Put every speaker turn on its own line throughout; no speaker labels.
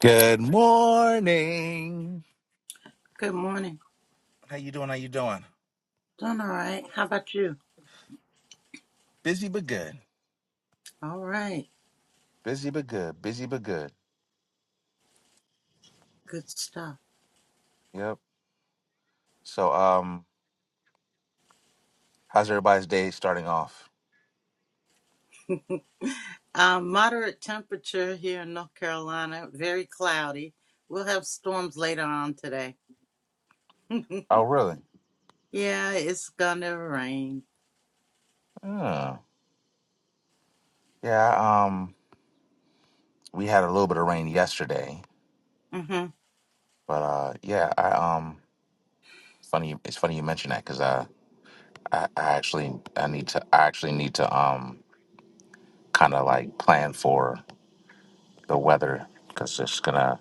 Good morning.
Good morning.
How you doing? How you doing?
Doing all right. How about you?
Busy but good.
All right.
Busy but good. Busy but good.
Good stuff.
Yep. So, um, how's everybody's day starting off?
Uh, moderate temperature here in North Carolina. Very cloudy. We'll have storms later on today.
Oh, really?
Yeah, it's gonna rain.
Oh. Yeah. Um, we had a little bit of rain yesterday,
Mm-hmm.
but uh, yeah. I um, funny. It's funny you mention that because I, I, I actually, I need to, I actually need to um, kind of like plan for the weather because it's gonna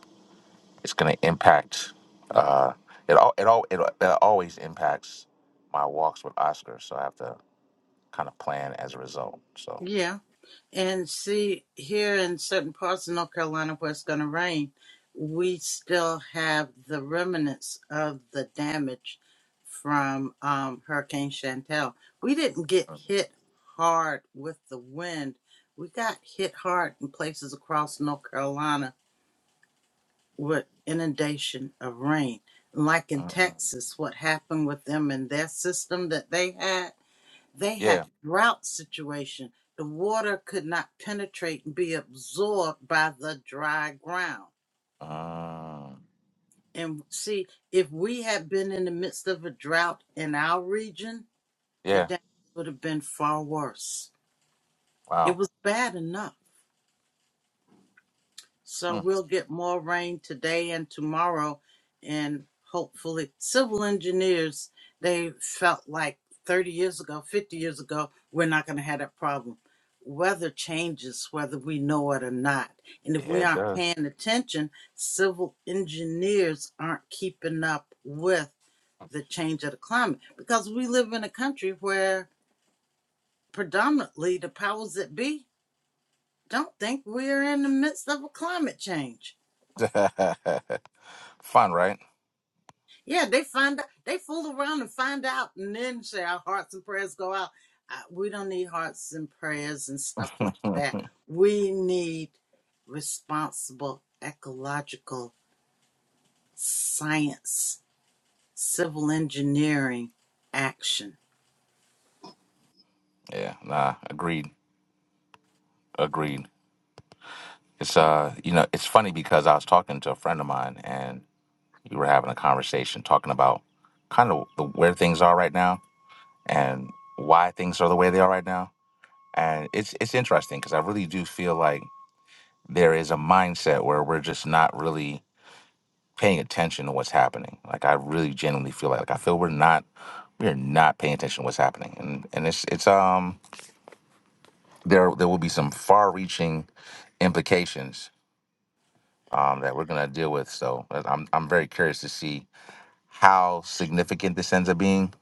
it's going to impact. Uh, it all it all it, it always impacts my walks with Oscar, so I have to kind of plan as a result. So
Yeah. And see, here in certain parts of North Carolina where it's going to rain, we still have the remnants of the damage from um, Hurricane Chantel. We didn't get hit hard with the wind. We got hit hard in places across North Carolina with inundation of rain. Like in
um,
Texas, what happened with them and their system that they had they had
yeah,
drought situation the water could not penetrate and be absorbed by the dry ground
um,
and see if we had been in the midst of a drought in our region the
yeah,
damage would have been far worse it
wow,
was bad enough So
Mm,
we'll get more rain today and tomorrow and hopefully civil engineers they felt like 30 years ago, 50 years ago, we're not going to have that problem. Weather changes whether we know it or not. And if we
yeah, it
aren't
does.
paying attention, civil engineers aren't keeping up with the change of the climate because we live in a country where predominantly the powers that be don't think we're in the midst of a climate change
Fun, right?
Yeah, they find out, they fool around and find out, and then say our hearts and prayers go out. Uh, we don't need hearts and prayers and stuff like that. We need responsible ecological science, civil engineering action.
yeah, nah, agreed, agreed. It's uh, you know, it's funny because I was talking to a friend of mine, and we were having a conversation talking about kind of the, where things are right now and why things are the way they are right now. And it's it's interesting because I really do feel like there is a mindset where we're just not really paying attention to what's happening. Like I really genuinely feel like, like I feel we're not we're not paying attention to what's happening. And and it's it's um there there will be some far reaching implications um that we're gonna deal with. So I- I'm I'm very curious to see how significant this ends up being.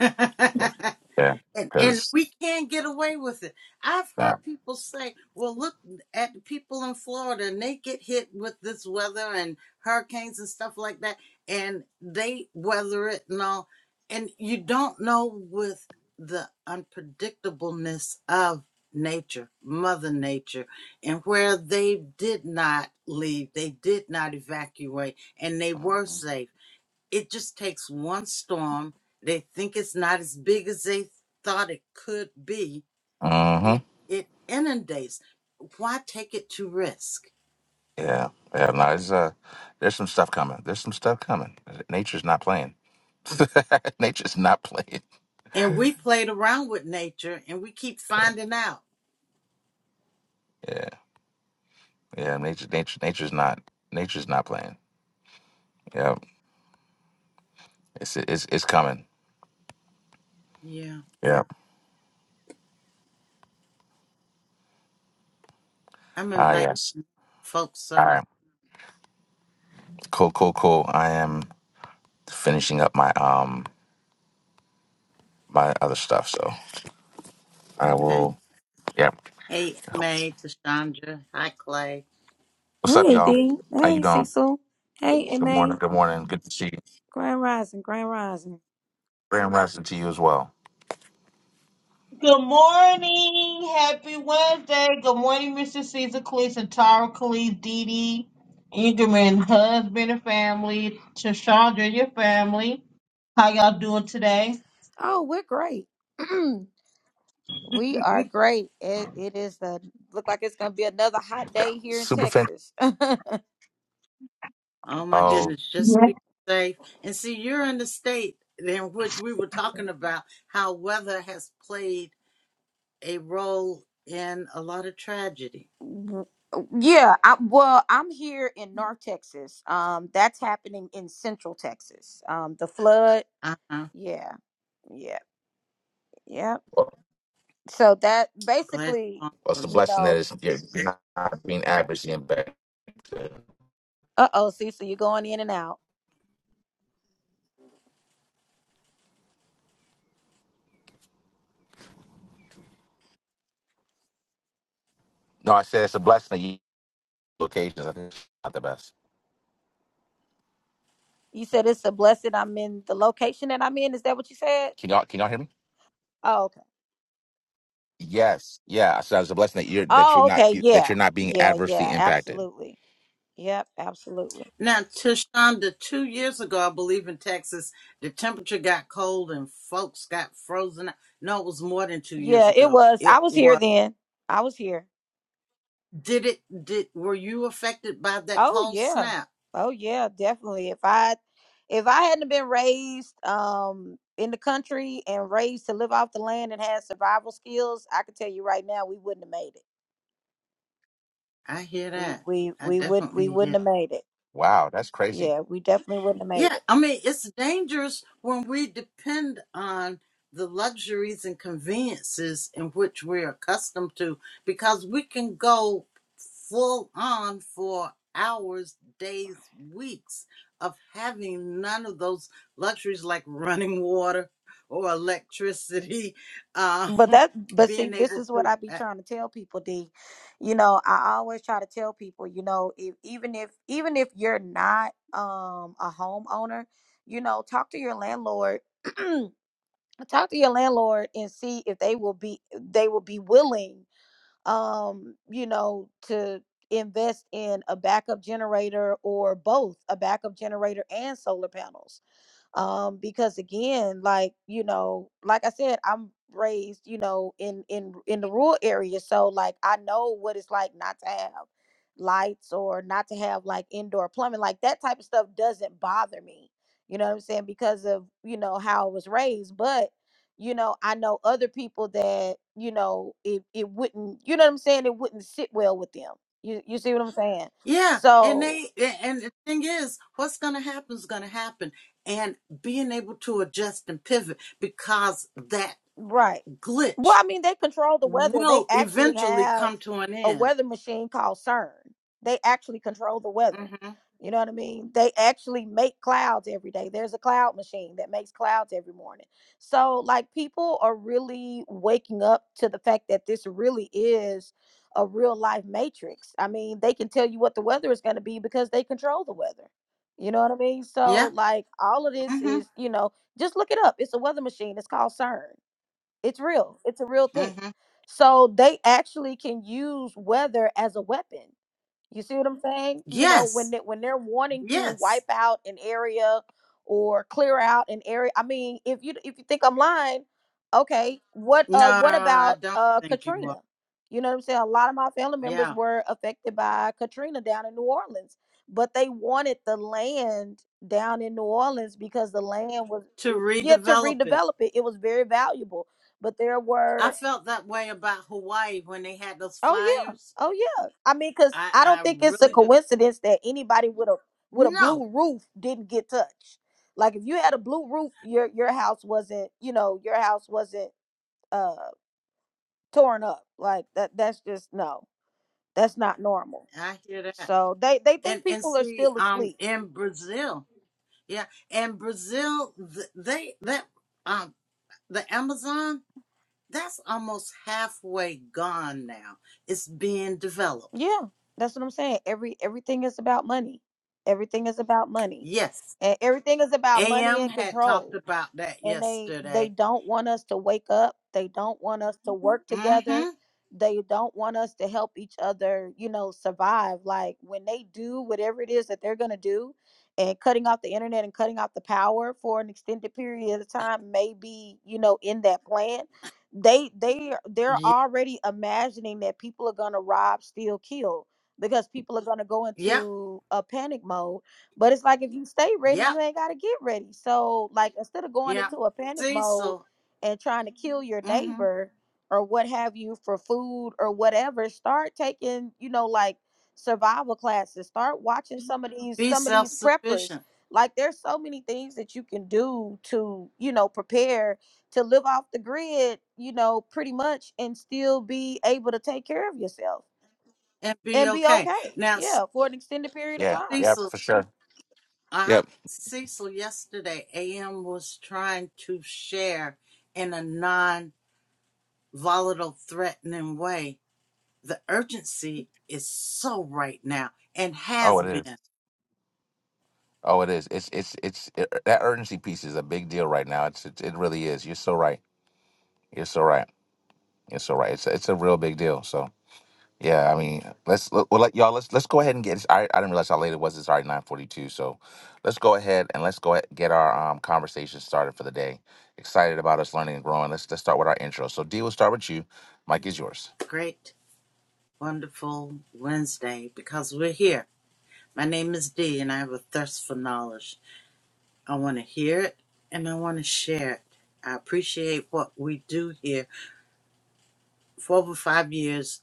Yeah.
And, and
Cause
we can't get away with it. I've
that.
heard people say, well, look at the people in Florida and they get hit with this weather and hurricanes and stuff like that, and they weather it and all. And you don't know with the unpredictableness of nature, Mother Nature, and where they did not leave, they did not evacuate, and they were safe it just takes one storm. They think it's not as big as they thought it could be, and it inundates. Why take it to risk?
Yeah, yeah. No, there's uh, there's some stuff coming. There's some stuff coming. Nature's not playing. nature's not playing.
And we played around with nature and we keep finding out.
Yeah, yeah. Nature, nature, nature's not. Nature's not playing. Yeah, it's it's it's coming.
Yeah,
Yeah.
I'm
Ah,
inviting
yes.
folks
All right.
up.
Cool, cool, cool. I am finishing up my um my other stuff, so I
Okay.
will. Yeah.
Hey, May, Tashandra. Hi, Clay.
What's up,
Hey
y'all?
D.
How you
Hey
doing?
Cecil. Hey
Good
MA.
morning. Good morning. Good to see you.
Grand Rising. Grand Rising.
Grand rising to you as well.
Good morning. Happy Wednesday. Good morning, Mr. Caesar Cleese and Tara Cleese, Dee Dee, Ingerman, husband and family, Tashandra, your family. How y'all doing today?
Oh, we're great. we are great. It, it is the look like it's gonna be another hot
Yeah.
day here in
Super fan.
Texas.
Oh, my
Oh.
goodness. Just
Yes.
be safe. And see, you're in the state in which we were talking about how weather has played a role in a lot of tragedy
W- yeah, I, well, I'm here in North Texas. Um, that's happening in Central Texas. Um, the flood.
Uh-huh.
Yeah, yeah, yeah. So that
Glad you
basically,
found
Well, it's a
those.
you
blessing
know,
that it's, you're you're not being average and bad.
uh oh, Cecil, you're going in and out.
No, I said it's a blessing that you locations. I think it's not the best.
You said it's a blessing. I'm in the location that I'm in. Is that what you said?
Can y'all can y'all hear me?
Oh, okay.
Yes. Yeah. So it's a blessing that you're that you're
Oh,
not
okay.
be- that
Yeah.
you're not being
Yeah.
adversely
Yeah.
impacted.
Absolutely. Yep. Absolutely.
Now, Tashonda, two years ago, I believe in Texas, the temperature got cold and folks got frozen. No, it was more than two years
Yeah. It
ago.
was.
It
I was here
was.
then. I was here.
Did it? Did were you affected by that
Oh
cold
yeah.
snap?
Oh yeah. Definitely. If I if I hadn't been raised um in the country and raised to live off the land and had survival skills, I could tell you right now we wouldn't have made it.
I hear
We
that.
we
I
we would we
definitely hear.
wouldn't have made it.
Wow, that's crazy.
Yeah, we definitely wouldn't have made
Yeah,
it.
I mean, it's dangerous when we depend on the luxuries and conveniences in which we're accustomed to because we can go full on for hours, days, weeks of having none of those luxuries like running water or electricity, um,
But that, but see,
being
this
able
is what
to.
I be
uh,
trying to tell people, D. You know, I always try to tell people, you know, if, even if even if you're not um a homeowner, you know, talk to your landlord talk to your landlord and see if they will be they will be willing um you know to invest in a backup generator or both a backup generator and solar panels um because again like you know like i said i'm raised you know in in in the rural area so like i know what it's like not to have lights or not to have like indoor plumbing like that type of stuff doesn't bother me you know what i'm saying because of you know how i was raised but you know i know other people that you know it, it wouldn't you know what i'm saying it wouldn't sit well with them you, you see what i'm saying
Yeah, and
so
they and the thing is, what's going to happen is going to happen, and being able to adjust and pivot because that
Right. Well,
glitch
I mean, they control the weather. They
will
actually
eventually
have
come to an
a
end.
weather machine called CERN. They actually control the weather.
Mm-hmm.
You know what I mean? They actually make clouds every day. There's a cloud machine that makes clouds every morning. So, like, people are really waking up to the fact that this really is a real life matrix. I mean, they can tell you what the weather is going to be because they control the weather. You know what I mean?
Yeah.
So, like, all of this is,
Mm-hmm.
you know, just look it up. It's a weather machine. It's called CERN it's real. It's a real thing.
Mm-hmm.
So they actually can use weather as a weapon. You see what I'm saying? You know, when
Yes.
they, when they're wanting to
Yes.
wipe out an area or clear out an area. I mean, if you if you think I'm lying, okay. What
No,
uh what
I
about
don't
uh
think you will.
Katrina? You know what I'm saying? A lot of my family members
Yeah,
were affected by Katrina down in New Orleans, but they wanted the land down in New Orleans because the land was
to
it- yeah to
redevelop it.
redevelop it. It was very valuable, but there
I
were
felt that way about Hawaii when they had those
Oh yeah.
fires.
Oh yeah. I mean, cause
I
I don't
I
think it's a
really do.
coincidence that anybody with a with a
No,
blue roof didn't get touched. Like if you had a blue roof, your your house wasn't, you know, your house wasn't uh torn up. Like that that's just no. That's not normal.
I hear that.
So they they think
and and
people are
see
still
um
asleep.
in Brazil, yeah, in Brazil th- they that um the Amazon that's almost halfway gone now. It's being developed.
Yeah. That's what I'm saying. Every everything is about money. Everything is about money.
Yes,
And everything is about money
AM
and
had
control.
talked about that
and they they
yesterday.
don't want us to wake up they don't want us to Mhm. work
Mm-hmm.
together they don't want us to help each other you know survive like when they do whatever it is that they're going to do and cutting off the internet and cutting off the power for an extended period of time may be you know in that plan they they they're
Yep.
already imagining that people are going to rob steal kill because people are going to go
Yep.
into a panic mode but it's like if you stay ready,
Yep.
you ain't gotta get ready. So like instead of going
Yep.
into a panic mode
Cecil.
and trying to kill your
Mm-hmm.
neighbor or what have you for food or whatever, start taking, you know, like survival classes. Start watching some of these
Be
some of
self
these preppers.
sufficient
Like there's so many things that you can do to, you know, prepare to live off the grid, you know, pretty much and still be able to take care of yourself
and be
and be
okay.
okay.
Now,
Yeah, for an extended period of
Yeah.
time.
Yeah,
Cecil
for sure.
Uh-huh.
Yep.
Cecil, yesterday, AM was trying to share in a non volatile, threatening way. The urgency is so right now and
Oh,
has
it is.
been.
Oh, it is. It's it's it's it, that urgency piece is a big deal right now. It's it, it really is. You're so right. You're so right. You're so right. It's a, it's a real big deal. So. Yeah, I mean, let's let, well, let y'all let's let's go ahead and get. This. I I didn't realize how late it was. It's already nine forty two. So let's go ahead and let's go ahead, get our um conversation started for the day. Excited about us learning and growing. Let's let's start with our intro. So D, we'll start with you. Mike is yours.
Great, wonderful Wednesday because we're here. My name is Dee and I have a thirst for knowledge. I want to hear it and I want to share it. I appreciate what we do here. For over five years,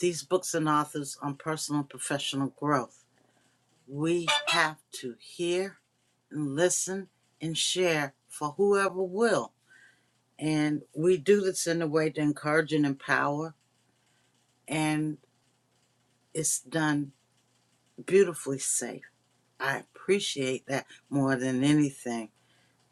these books and authors on personal and professional growth. We have to hear and listen and share for whoever will. And we do this in a way to encourage and empower, and it's done beautifully safe. I appreciate that more than anything.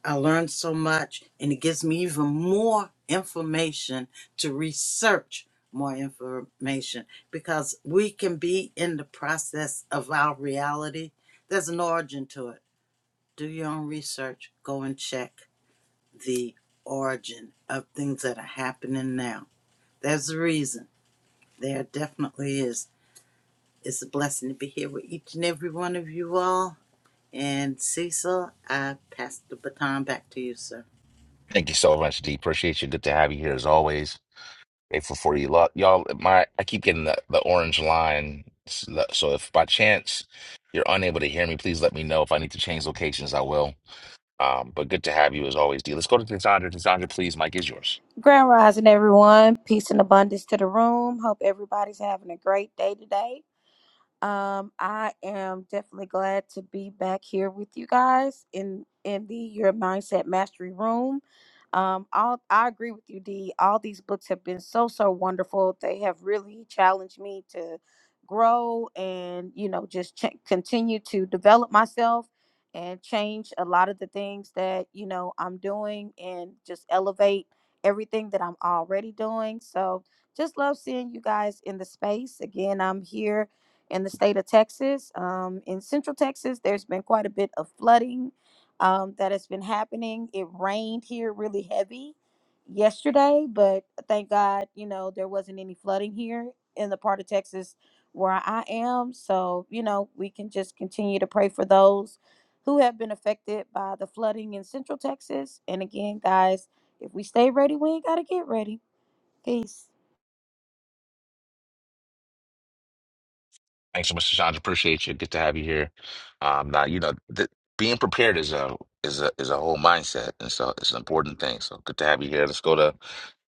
I learned so much, and it gives me even more information to research more information because we can be in the process of our reality. There's an origin to it do your own research, go and check the origin of things that are happening now. There's a reason. There definitely is. It's a blessing to be here with each and every one of you all. And Cecil, I pass the baton back to you, sir.
Thank you so much, D. Appreciate you. Good to have you here as always. Grateful for you, Lo- y'all. My I keep getting the, the orange line, so if by chance you're unable to hear me, please let me know. If I need to change locations, I will. Um, but good to have you as always, D. Let's go to Cassandra. Cassandra, please. Mike is yours.
Grand Rising, everyone. Peace and abundance to the room. Hope everybody's having a great day today. Um, I am definitely glad to be back here with you guys in in the Your Mindset Mastery Room. Um, all I agree with you, D. All these books have been so so wonderful. They have really challenged me to grow and you know just ch- continue to develop myself and change a lot of the things that you know I'm doing and just elevate everything that I'm already doing. So just love seeing you guys in the space again. I'm here in the state of Texas. Um, in central Texas, there's been quite a bit of flooding um, that has been happening. It rained here really heavy yesterday, but thank God, you know, there wasn't any flooding here in the part of Texas where I am. So, you know, we can just continue to pray for those who have been affected by the flooding in central Texas. And again, guys, if we stay ready, we ain't got to get ready. Peace.
Thanks so much, Sandra. Appreciate you. Good to have you here. Um, now you know th being prepared is a is a is a whole mindset, and so it's an important thing. So good to have you here. Let's go to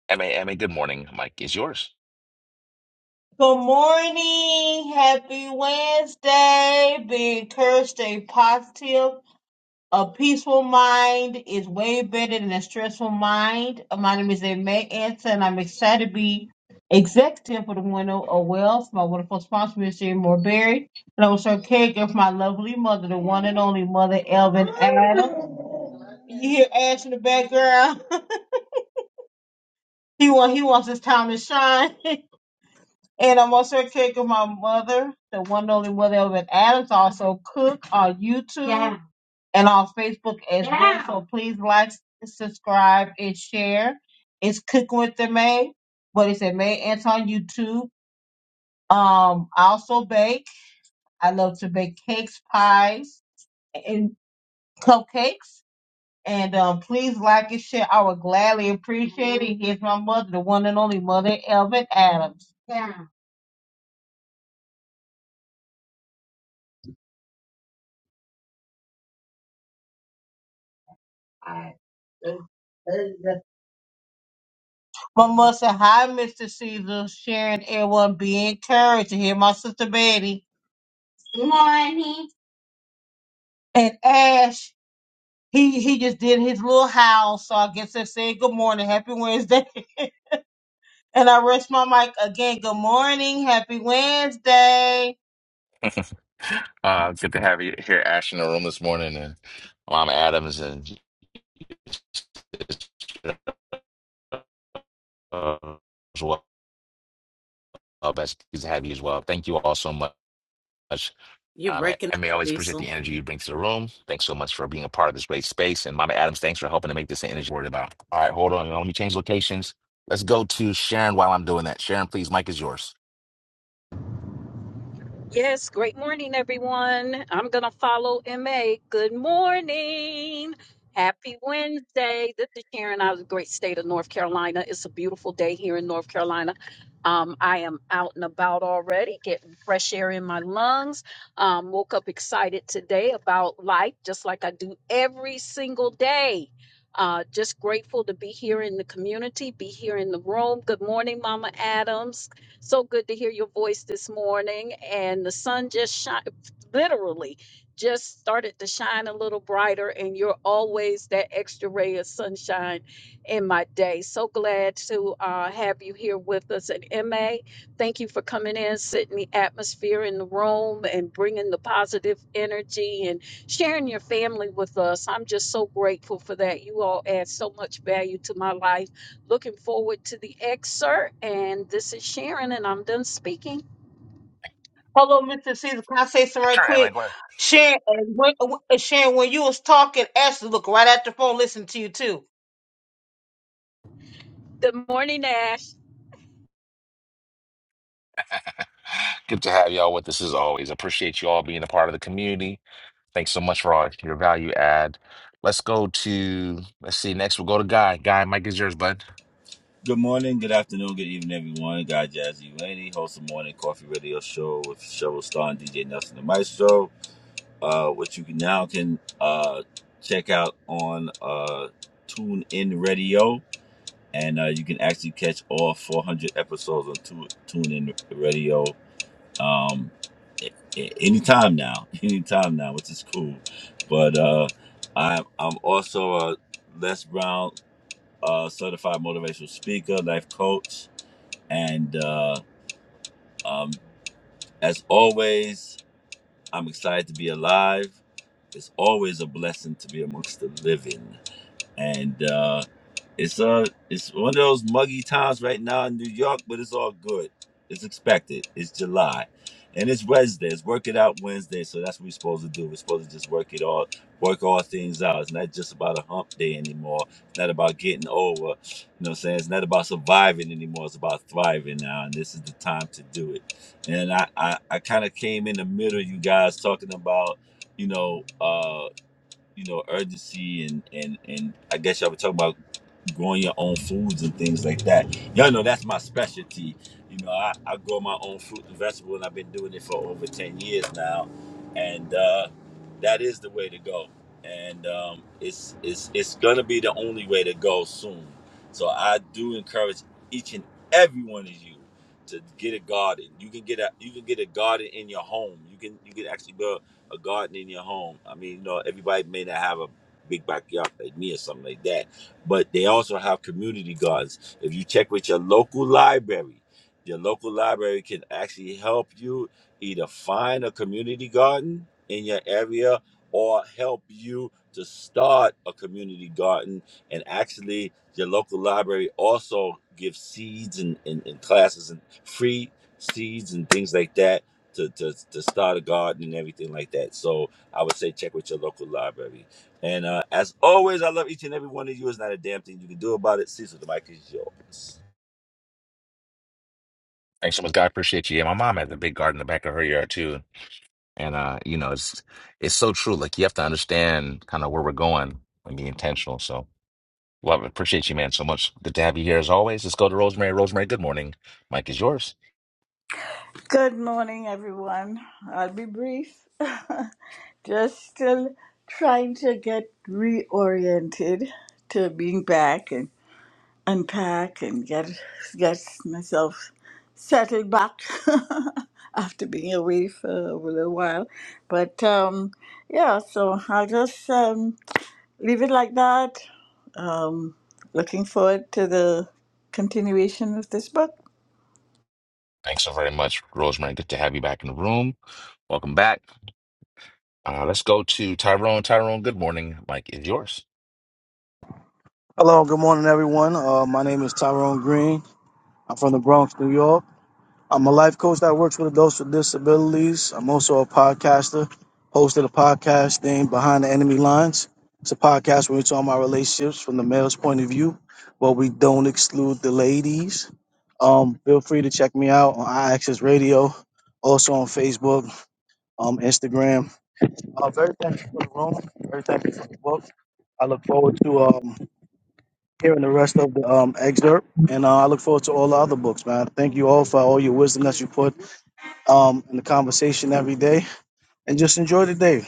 M A M A. good morning. Mike is yours.
Good morning. Happy Wednesday. Be encouraged, stay positive. A peaceful mind is way better than a stressful mind. Uh, My name is May Anson, and I'm excited to be executive for the Window of Wealth. My wonderful sponsor, Mr. Seymour Berry, and I was her caregiver for my lovely mother, the one and only mother, Elvin Adam. You hear Ash in the background? he want he wants his time to shine. and I'm also a caregiver for my mother, the one and only mother, Elvin Adams. I also a cook on YouTube. and on Facebook as well. Yeah. So please like, subscribe, and share. It's Cooking with the May, but it's at May Ants on YouTube. Um, I also bake. I love to bake cakes, pies, and cupcakes. And um, please like and share. I would gladly appreciate it. Here's my mother, the one and only mother, Elvin Adams. Yeah. My mother said, Hi, Mr. Caesar, Sharon, everyone, be encouraged. And hear my sister Betty. Good morning. And Ash, he he just did his little howl, so I guess I said good morning, happy Wednesday. and I rest my mic again. Good morning, happy Wednesday.
Uh, good to have you here, Ash, in the room this morning, and Mom Adams, and uh, as well, Uh, best to have you as well. Thank you all so much. much.
You're
Um, and
breaking up,
and may I always appreciate
Cecil.
the energy you bring to the room. Thanks so much for being a part of this great space. And Mama Adams, thanks for helping to make this an energy worried about. All right, hold on. Let me change locations. Let's go to Sharon while I'm doing that. Sharon, please, mic is yours.
Yes, great morning, everyone. I'm going to follow MA. Good morning. Happy Wednesday. This is Sharon out of the great state of North Carolina. It's a beautiful day here in North Carolina. Um, I am out and about already, getting fresh air in my lungs. Um, woke up excited today about life, just like I do every single day. Uh, just grateful to be here in the community, be here in the room. Good morning, Mama Adams. So good to hear your voice this morning. And the sun just shine, literally just started to shine a little brighter. And you're always that extra ray of sunshine in my day. So glad to uh, have you here with us at MA. Thank you for coming in, setting the atmosphere in the room, and bringing the positive energy and sharing your family with us. I'm just so grateful for that. You all add so much value to my life Looking forward to the excerpt. And this is Sharon, and I'm done speaking.
Hello, Mr. Caesar. Can I say something right
Sure, Emma,
quick?
go ahead.
Sharon, and when, uh, Sharon, when you was talking, Ashley look right at the phone, listen to you too.
Good morning, Ash.
Good to have y'all with us as always. Appreciate you all being a part of the community. Thanks so much for all your value add. Let's go to, let's see, next we'll go to Guy. Guy, mic is yours, bud.
Good morning, good afternoon, good evening, everyone. Guy Jazzy Laney, host of Morning Coffee Radio Show with Shovel Star and DJ Nelson the Maestro, uh, which you can now can uh, check out on uh, Tune Radio, and uh, you can actually catch all 400 episodes on tu- Tune Radio um, a- a- anytime now, anytime now, which is cool. But uh, I'm I'm also a Les Brown uh, certified motivational speaker, life coach and uh, um, as always, I'm excited to be alive. It's always a blessing to be amongst the living. And uh, it's uh, it's one of those muggy times right now in New York, but it's all good. It's expected. It's July, and it's Wednesday. It's work it out Wednesday, so that's what we're supposed to do. We're supposed to just work it all, work all things out. It's not just about a hump day anymore. It's not about getting over. You know, what I'm saying it's not about surviving anymore. It's about thriving now, and this is the time to do it. And I, I, I kind of came in the middle, you guys, talking about, you know, uh you know, urgency and and and I guess y'all were talking about growing your own foods and things like that. Y'all know that's my specialty. You know, I, I grow my own fruit and vegetable and I've been doing it for over ten years now. And uh that is the way to go. And um it's it's it's gonna be the only way to go soon. So I do encourage each and every one of you to get a garden. You can get a you can get a garden in your home. You can you can actually build a garden in your home. I mean, you know, everybody may not have a big backyard like me or something like that, but they also have community gardens. If you check with your local library, your local library can actually help you either find a community garden in your area or help you to start a community garden. And actually, your local library also gives seeds and, and, and classes and free seeds and things like that to, to, to start a garden and everything like that. So I would say check with your local library. And uh, as always, I love each and every one of you. It's not a damn thing you can do about it. Cecil, the mic is yours.
Thanks so much, Guy. Appreciate you. Yeah, my mom has a big garden in the back of her yard, too. And uh, you know, it's it's so true. Like you have to understand kind of where we're going and be intentional. So love it. Appreciate you, man, so much. Good to have you here as always. Let's go to Rosemary. Rosemary, good morning. Mike is yours.
Good morning, everyone. I'll be brief. Just still trying to get reoriented to being back and unpack and get get myself settled back after being away for a little while. But um, yeah, so I'll just um, leave it like that. Um, looking forward to the continuation of this book.
Thanks so very much, Rosemary. Good to have you back in the room. Welcome back. Uh, let's go to Tyrone. Tyrone, good morning. Mike is yours.
Hello, good morning, everyone. Uh, my name is Tyrone Green. I'm from the Bronx, New York. I'm a life coach that works with adults with disabilities. I'm also a podcaster, host of the podcast named Behind the Enemy Lines. It's a podcast where we talk about relationships from the male's point of view, but we don't exclude the ladies. Um, feel free to check me out on iAccess Radio, also on Facebook, um, Instagram. Uh, very thankful for the room. Very thankful for the book. I look forward to um, hearing the rest of the um, excerpt, and uh, I look forward to all the other books, man. Thank you all for all your wisdom that you put um, in the conversation every day, and just enjoy the day.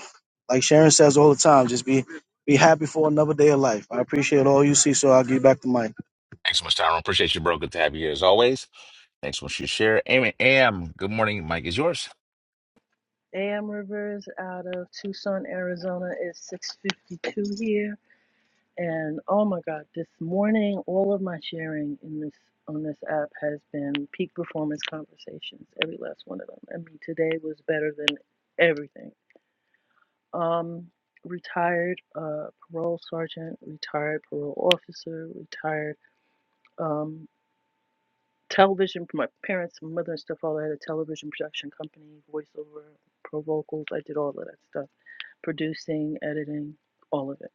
Like Sharon says all the time, just be be happy for another day of life. I appreciate all you see, so I'll give you back the mic.
Thanks so much, Tyrone. Appreciate you, bro. Good to have you here as always. Thanks so much for your share. Amy, Am, good morning. Mike is yours.
A.M. Rivers out of Tucson, Arizona. It's 6:52 here, and oh my God, this morning all of my sharing in this on this app has been peak performance conversations. Every last one of them. I mean, today was better than everything. Um, retired uh, parole sergeant, retired parole officer, retired um, television. My parents, my mother, and stuff all had a television production company, voiceover, pro vocals. I did all of that stuff producing, editing, all of it.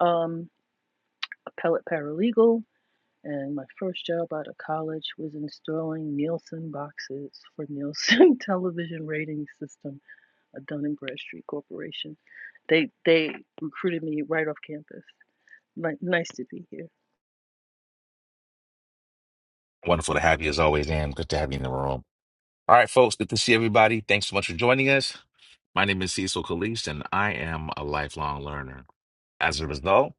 Um, appellate paralegal, and my first job out of college was installing Nielsen boxes for Nielsen Television Rating System, a Dun and Bradstreet corporation. They they recruited me right off campus. Like, nice to be here.
Wonderful to have you as always, Am. Good to have you in the room. All right, folks, good to see everybody. Thanks so much for joining us. My name is Cecil Caliste, and I am a lifelong learner. As a result,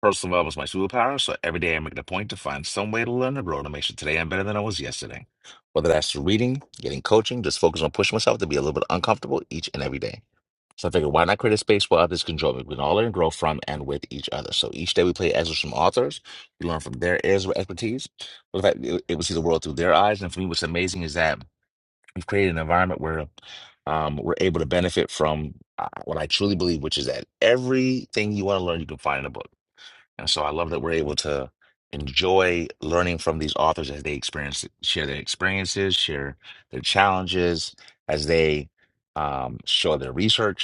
personal development is my superpower, so every day I make it a point to find some way to learn and grow to make sure today I'm better than I was yesterday. Whether that's through reading, getting coaching, just focus on pushing myself to be a little bit uncomfortable each and every day. So I figured, why not create a space where others can join me? We can all learn and grow from and with each other. So each day we play excerpts from authors. We learn from their areas of expertise. But in fact, it, it will see the world through their eyes. And for me, what's amazing is that We've created an environment where um, we're able to benefit from uh, what I truly believe, which is that everything you want to learn, you can find in a book. And so I love that we're able to enjoy learning from these authors as they experience, share their experiences, share their challenges, as they um, show their research.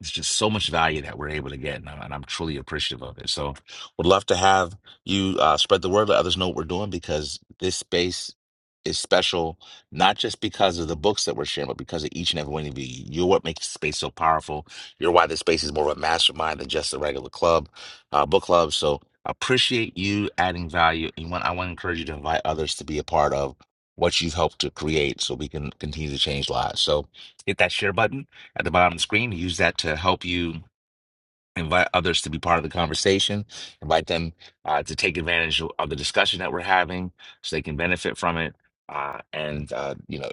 It's just so much value that we're able to get, and I'm, and I'm truly appreciative of it. So, would love to have you uh, spread the word, let others know what we're doing because this space is special, not just because of the books that we're sharing, but because of each and every one of you. You're what makes the space so powerful. You're why this space is more of a mastermind than just a regular club, uh, book club. So, appreciate you adding value. And want, I want to encourage you to invite others to be a part of what you've helped to create so we can continue to change lives. So, hit that share button at the bottom of the screen. Use that to help you invite others to be part of the conversation, invite them uh, to take advantage of of the discussion that we're having so they can benefit from it. Uh, and, uh, you know,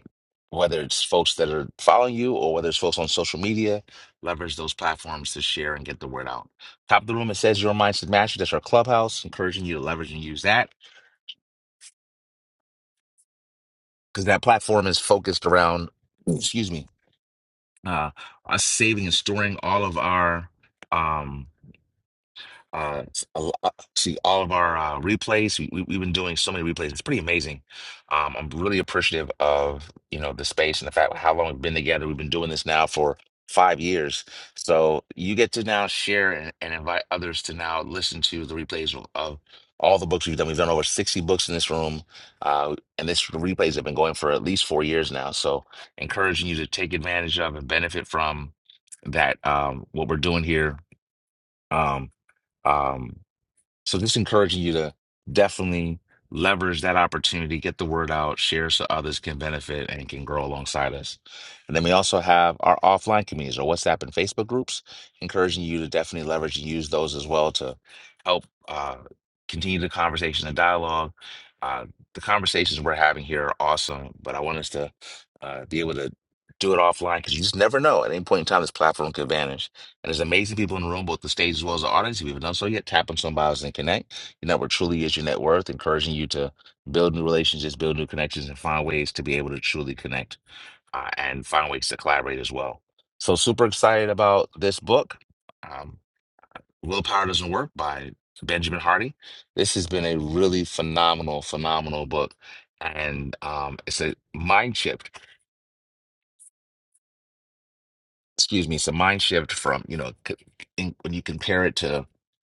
whether it's folks that are following you or whether it's folks on social media, leverage those platforms to share and get the word out. Top of the room, it says your mindset master. That's our clubhouse, encouraging you to leverage and use that because that platform is focused around, excuse me, uh, us saving and storing all of our. Um, uh, s- a lo- uh, see all of our uh, replays. We, we, we've been doing so many replays. It's pretty amazing. Um, I'm really appreciative of you know the space and the fact how long we've been together. We've been doing this now for five years. So you get to now share and, and invite others to now listen to the replays of, of all the books we've done. We've done over 60 books in this room, uh, and this replays have been going for at least four years now. So encouraging you to take advantage of and benefit from that um, what we're doing here. Um, um, so just encouraging you to definitely leverage that opportunity, get the word out, share so others can benefit and can grow alongside us. And then we also have our offline communities or WhatsApp and Facebook groups, encouraging you to definitely leverage and use those as well to help uh, continue the conversation and dialogue. Uh, the conversations we're having here are awesome, but I want us to uh, be able to do it offline because you just never know at any point in time this platform could vanish. And there's amazing people in the room, both the stage as well as the audience. If you haven't done so yet, tap on some bios and connect. Your network truly is your net worth, encouraging you to build new relationships, build new connections, and find ways to be able to truly connect uh, and find ways to collaborate as well. So, super excited about this book, um, Willpower Doesn't Work by Benjamin Hardy. This has been a really phenomenal, phenomenal book. And um, it's a mind shift excuse me, it's a mind shift from, you know, c- in, when you compare it to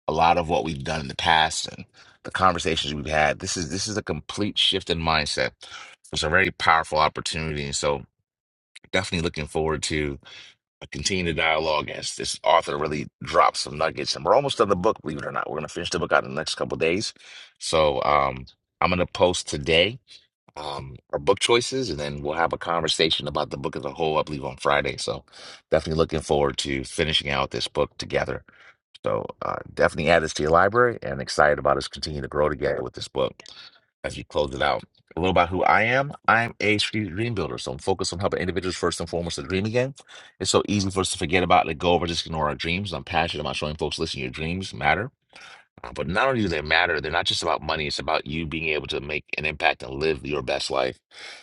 a lot of what we've done in the past and the conversations we've had, this is this is a complete shift in mindset. It's a very powerful opportunity. And so definitely looking forward to continuing the dialogue as this author really drops some nuggets. And we're almost done the book, believe it or not. We're gonna finish the book out in the next couple of days. So um I'm gonna post today um, our book choices, and then we'll have a conversation about the book as a whole, I believe, on Friday. So definitely looking forward to finishing out this book together. So uh, definitely add this to your library and excited about us continuing to grow together with this book as we close it out. A little about who I am. I'm a strategic dream builder, so I'm focused on helping individuals first and foremost to dream again. It's so easy for us to forget about, let go of, or just ignore our dreams. I'm passionate about showing folks, listen, your dreams matter uh, But not only do they matter, they're not just about money. It's about you being able to make an impact and live your best life.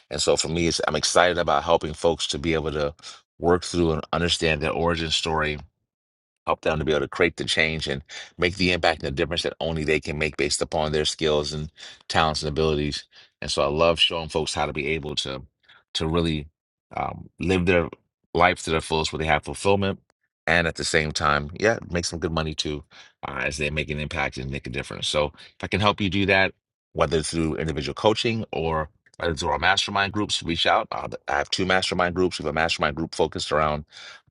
And so for me, it's, I'm excited about helping folks to be able to work through and understand their origin story help them to be able to create the change and make the impact and the difference that only they can make based upon their skills and talents and abilities. And so I love showing folks how to be able to to really um, live their life to their fullest where they have fulfillment and at the same time, yeah, make some good money too uh, as they make an impact and make a difference. So if I can help you do that, whether through individual coaching or whether through our mastermind groups, reach out. Uh, I have two mastermind groups. We have a mastermind group focused around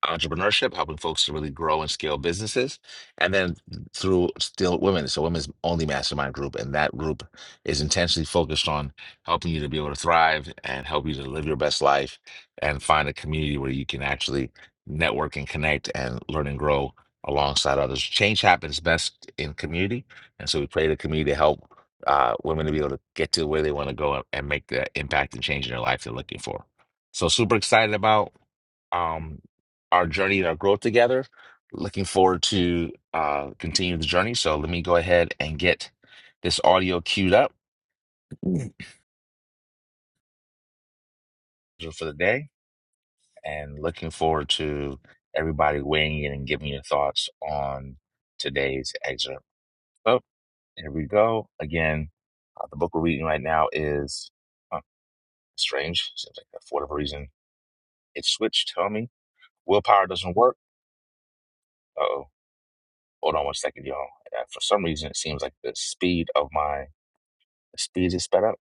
entrepreneurship, helping folks to really grow and scale businesses, and then through Still Women, so Women's Only Mastermind Group, and that group is intentionally focused on helping you to be able to thrive and help you to live your best life and find a community where you can actually network and connect and learn and grow alongside others. Change happens best in community, and so we pray the community to help uh, women to be able to get to where they want to go and make the impact and change in their life they're looking for. So super excited about um, our journey and our growth together. Looking forward to uh, continuing the journey. So let me go ahead and get this audio queued up for the day, and looking forward to everybody weighing in and giving your thoughts on today's excerpt. Oh, here we go again. Uh, the book we're reading right now is huh, strange. Seems like for whatever reason it switched. Tell me, willpower doesn't work. Uh Oh. Hold on one second, y'all. Uh, For some reason, it seems like the speed of my the speed is sped up.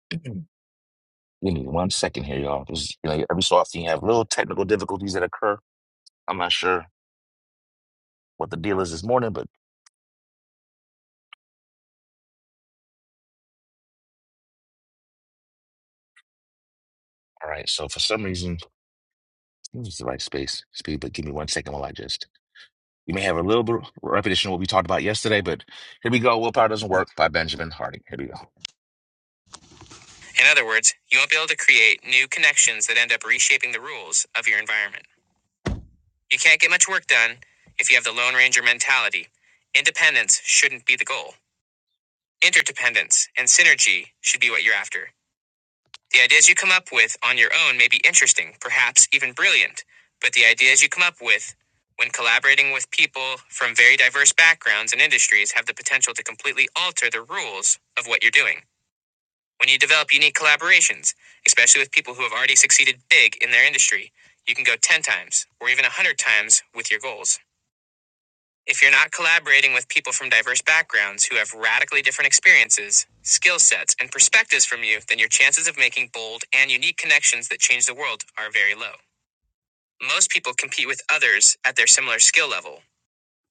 Give me one second here, y'all. Just, you know, every so often you have little technical difficulties that occur. I'm not sure what the deal is this morning, but all right. So for some reason, this is the right space speed. But give me one second while I just. You may have a little bit of repetition of what we talked about yesterday, but here we go. Willpower doesn't work by Benjamin Harding. Here we go. In other words, you won't be able to create new connections that end up reshaping the rules of your environment. You can't get much work done if you have the Lone Ranger mentality. Independence shouldn't be the goal. Interdependence and synergy should be what you're after. The ideas you come up with on your own may be interesting, perhaps even brilliant, but the ideas you come up with when collaborating with people from very diverse backgrounds and industries have the potential to completely alter the rules of what you're doing. When you develop unique collaborations, especially with people who have already succeeded big in their industry, you can go 10 times or even 100 times with your goals. If you're not collaborating with people from diverse backgrounds who have radically different experiences, skill sets, and perspectives from you, then your chances of making bold and unique connections that change the world are very low. Most people compete with others at their similar skill level.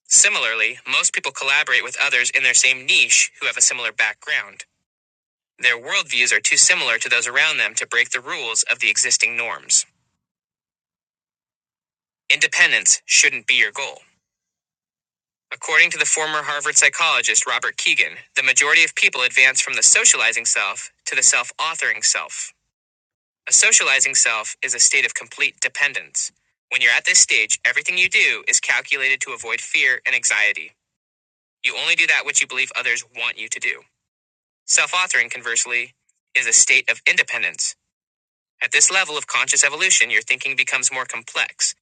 Similarly, most people collaborate with others in their same niche who have a similar background. Their worldviews are too similar to those around them to break the rules of the existing norms. Independence shouldn't be your goal. According to the former Harvard psychologist Robert Keegan, the majority of people advance from the socializing self to the self authoring self. A socializing self is a state of complete dependence. When you're at this stage, everything you do is calculated to avoid fear and anxiety. You only do that which you believe others want you to do. Self authoring, conversely, is a state of independence. At this level of conscious evolution, your thinking becomes more complex.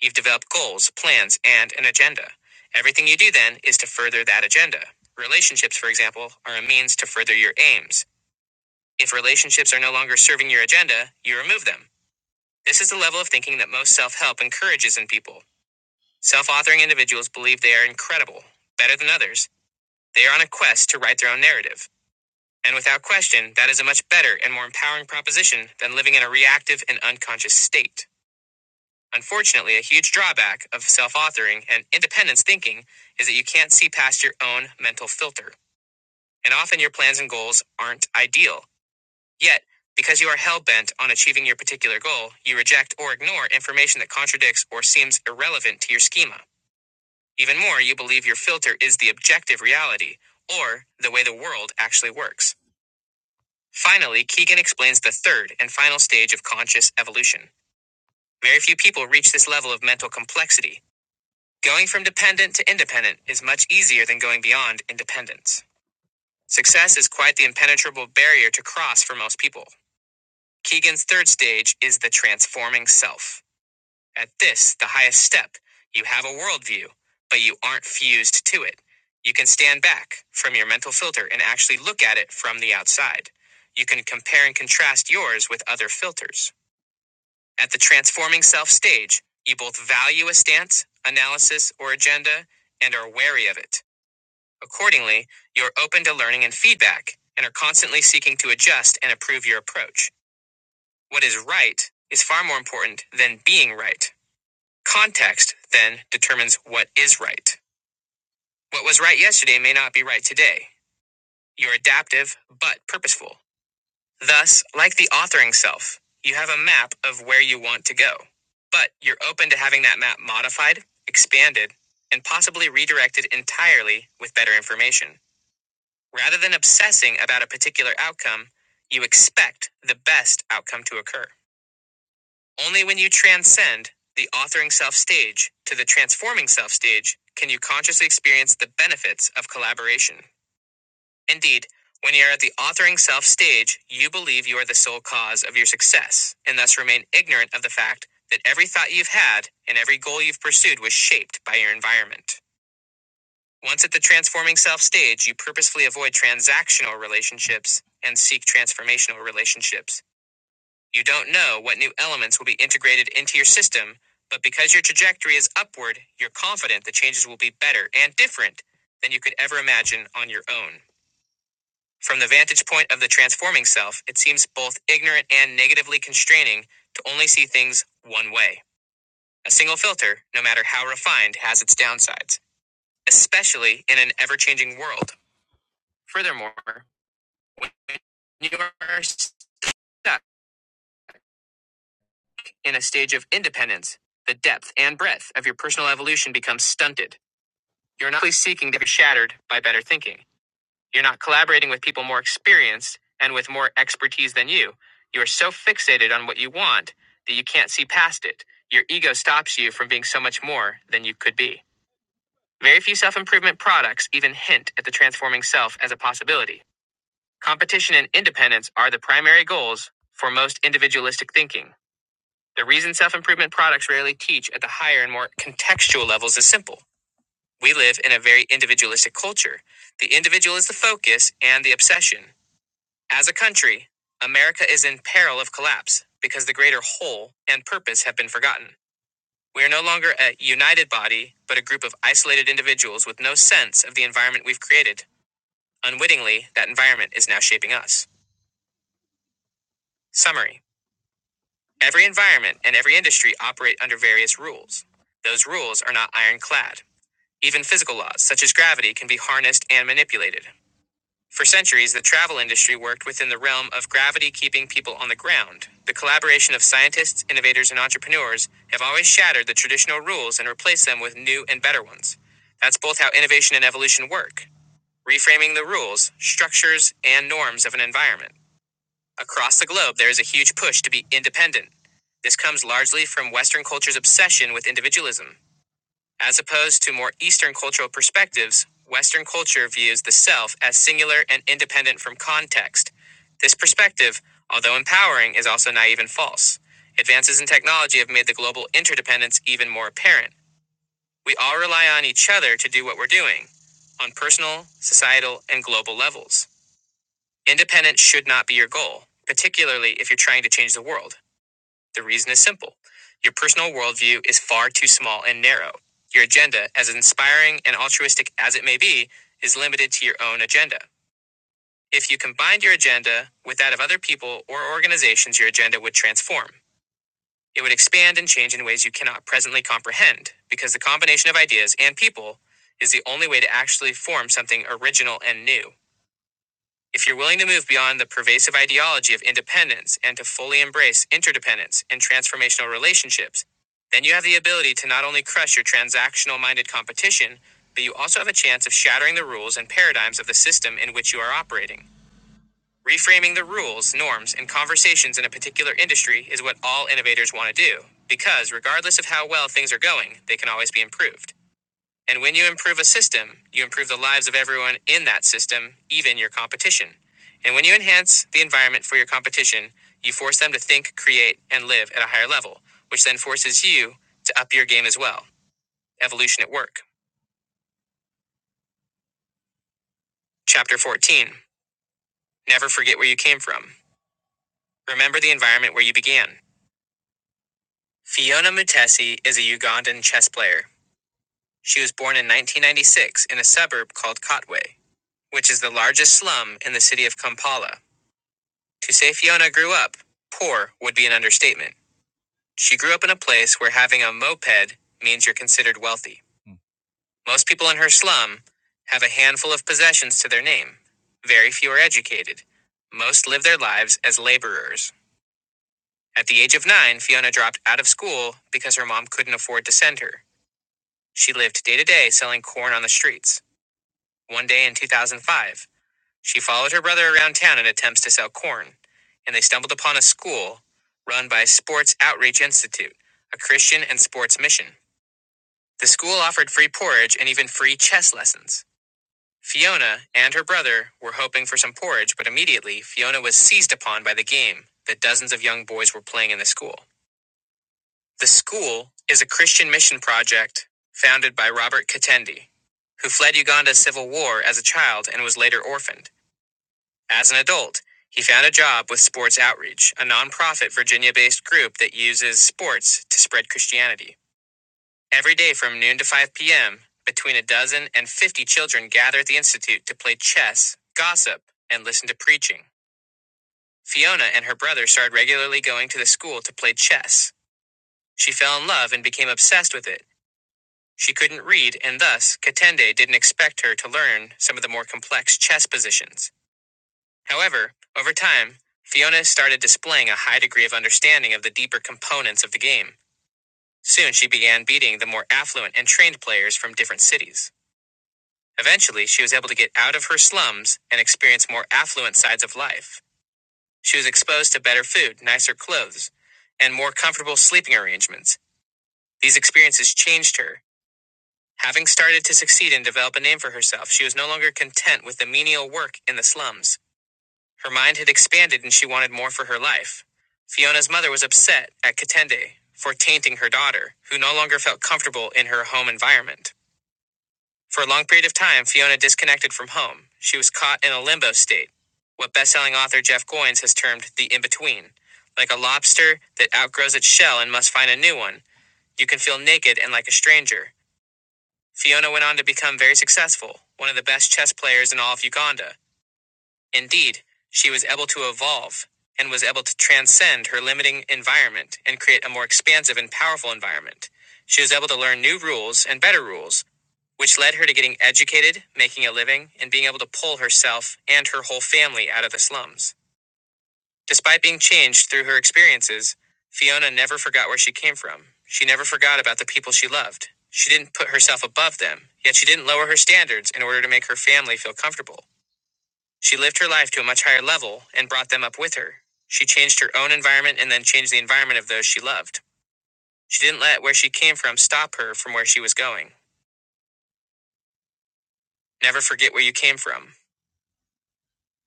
You've developed goals, plans, and an agenda. Everything you do then is to further that agenda. Relationships, for example, are a means to further your aims. If relationships are no longer serving your agenda, you remove them. This is the level of thinking that most self help encourages in people. Self authoring individuals believe they are incredible, better than others. They are on a quest to write their own narrative. And without question, that is a much better and more empowering proposition than living in a reactive and unconscious state. Unfortunately, a huge drawback of self authoring and independence thinking is that you can't see past your own mental filter, and often your plans and goals aren't ideal. Yet, because you are hell bent on achieving your particular goal, you reject or ignore information that contradicts or seems irrelevant to your schema. Even more, you believe your filter is the objective reality, or the way the world actually works. Finally, Keegan explains the third and final stage of conscious evolution. Very few people reach this level of mental complexity, Going from dependent to independent is much easier than going beyond independence. Success is quite the impenetrable barrier to cross for most people. Keegan's third stage is the transforming self. At this, the highest step, you have a worldview, but you aren't fused to it. You can stand back from your mental filter and actually look at it from the outside. You can compare and contrast yours with other filters. At the transforming self stage, you both value a stance, analysis, or agenda and are wary of it. Accordingly, you are open to learning and feedback and are constantly seeking to adjust and improve your approach. What is right is far more important than being right. Context, then, determines what is right. What was right yesterday may not be right today. You're adaptive, but purposeful. Thus, like the authoring self, you have a map of where you want to go. But you're open to having that map modified, expanded, and possibly redirected entirely with better information. Rather than obsessing about a particular outcome, you expect the best outcome to occur. Only when you transcend the authoring self stage to the transforming self stage can you consciously experience the benefits of collaboration. Indeed, when you are at the authoring self stage, you believe you are the sole cause of your success and thus remain ignorant of the fact that every thought you've had and every goal you've pursued was shaped by your environment. Once at the transforming self stage, you purposefully avoid transactional relationships and seek transformational relationships. You don't know what new elements will be integrated into your system, but because your trajectory is upward, you're confident the changes will be better and different than you could ever imagine on your own. From the vantage point of the transforming self, it seems both ignorant and negatively constraining to only see things one way. A single filter, no matter how refined, has its downsides, especially in an ever changing world Furthermore, when you are stuck in a stage of independence, the depth and breadth of your personal evolution becomes stunted. You're not really seeking to be shattered by better thinking. You're not collaborating with people more experienced and with more expertise than you. You are so fixated on what you want that you can't see past it. Your ego stops you from being so much more than you could be. Very few self improvement products even hint at the transforming self as a possibility. Competition and independence are the primary goals for most individualistic thinking. The reason self improvement products rarely teach at the higher and more contextual levels is simple. We live in a very individualistic culture. The individual is the focus and the obsession. As a country, America is in peril of collapse because the greater whole and purpose have been forgotten. We are no longer a united body, but a group of isolated individuals with no sense of the environment we've created. Unwittingly, that environment is now shaping us. Summary Every environment and every industry operate under various rules. Those rules are not ironclad. Even physical laws, such as gravity, can be harnessed and manipulated. For centuries, the travel industry worked within the realm of gravity keeping people on the ground. The collaboration of scientists, innovators, and entrepreneurs have always shattered the traditional rules and replaced them with new and better ones. That's both how innovation and evolution work reframing the rules, structures, and norms of an environment. Across the globe, there is a huge push to be independent. This comes largely from Western culture's obsession with individualism. As opposed to more Eastern cultural perspectives, Western culture views the self as singular and independent from context. This perspective, although empowering, is also naive and false. Advances in technology have made the global interdependence even more apparent. We all rely on each other to do what we're doing, on personal, societal, and global levels. Independence should not be your goal, particularly if you're trying to change the world. The reason is simple your personal worldview is far too small and narrow. Your agenda, as inspiring and altruistic as it may be, is limited to your own agenda. If you combined your agenda with that of other people or organizations, your agenda would transform. It would expand and change in ways you cannot presently comprehend, because the combination of ideas and people is the only way to actually form something original and new. If you're willing to move beyond the pervasive ideology of independence and to fully embrace interdependence and transformational relationships, then you have the ability to not only crush your transactional minded competition, but you also have a chance of shattering the rules and paradigms of the system in which you are operating. Reframing the rules, norms, and conversations in a particular industry is what all innovators want to do, because regardless of how well things are going, they can always be improved. And when you improve a system, you improve the lives of everyone in that system, even your competition. And when you enhance the environment for your competition, you force them to think, create, and live at a higher level, which then forces you to up your game as well. Evolution at Work. Chapter 14 Never Forget Where You Came From. Remember the environment where you began. Fiona Mutesi is a Ugandan chess player. She was born in 1996 in a suburb called Kotwe, which is the largest slum in the city of Kampala. To say Fiona grew up poor would be an understatement. She grew up in a place where having a moped means you're considered wealthy. Hmm. Most people in her slum have a handful of possessions to their name. Very few are educated. Most live their lives as laborers. At the age of nine, Fiona dropped out of school because her mom couldn't afford to send her. She lived day to day selling corn on the streets. One day in 2005, She followed her brother around town in attempts to sell corn, and they stumbled upon a school run by Sports Outreach Institute, a Christian and sports mission. The school offered free porridge and even free chess lessons. Fiona and her brother were hoping for some porridge, but immediately Fiona was seized upon by the game that dozens of young boys were playing in the school. The school is a Christian mission project founded by Robert Katendi, who fled Uganda's civil war as a child and was later orphaned. As an adult, he found a job with Sports Outreach, a nonprofit Virginia based group that uses sports to spread Christianity. Every day from noon to 5 p.m., between a dozen and 50 children gather at the Institute to play chess, gossip, and listen to preaching. Fiona and her brother started regularly going to the school to play chess. She fell in love and became obsessed with it. She couldn't read, and thus, Katende didn't expect her to learn some of the more complex chess positions. However, over time, Fiona started displaying a high degree of understanding of the deeper components of the game. Soon she began beating the more affluent and trained players from different cities. Eventually, she was able to get out of her slums and experience more affluent sides of life. She was exposed to better food, nicer clothes, and more comfortable sleeping arrangements. These experiences changed her. Having started to succeed and develop a name for herself, she was no longer content with the menial work in the slums. Her mind had expanded and she wanted more for her life. Fiona's mother was upset at Katende for tainting her daughter, who no longer felt comfortable in her home environment. For a long period of time, Fiona disconnected from home. She was caught in a limbo state, what best-selling author Jeff Goins has termed the in-between. Like a lobster that outgrows its shell and must find a new one, you can feel naked and like a stranger. Fiona went on to become very successful, one of the best chess players in all of Uganda, Indeed, she was able to evolve and was able to transcend her limiting environment and create a more expansive and powerful environment. She was able to learn new rules and better rules, which led her to getting educated, making a living, and being able to pull herself and her whole family out of the slums. Despite being changed through her experiences, Fiona never forgot where she came from. She never forgot about the people she loved. She didn't put herself above them, yet she didn't lower her standards in order to make her family feel comfortable. She lived her life to a much higher level and brought them up with her. She changed her own environment and then changed the environment of those she loved. She didn't let where she came from stop her from where she was going. Never forget where you came from.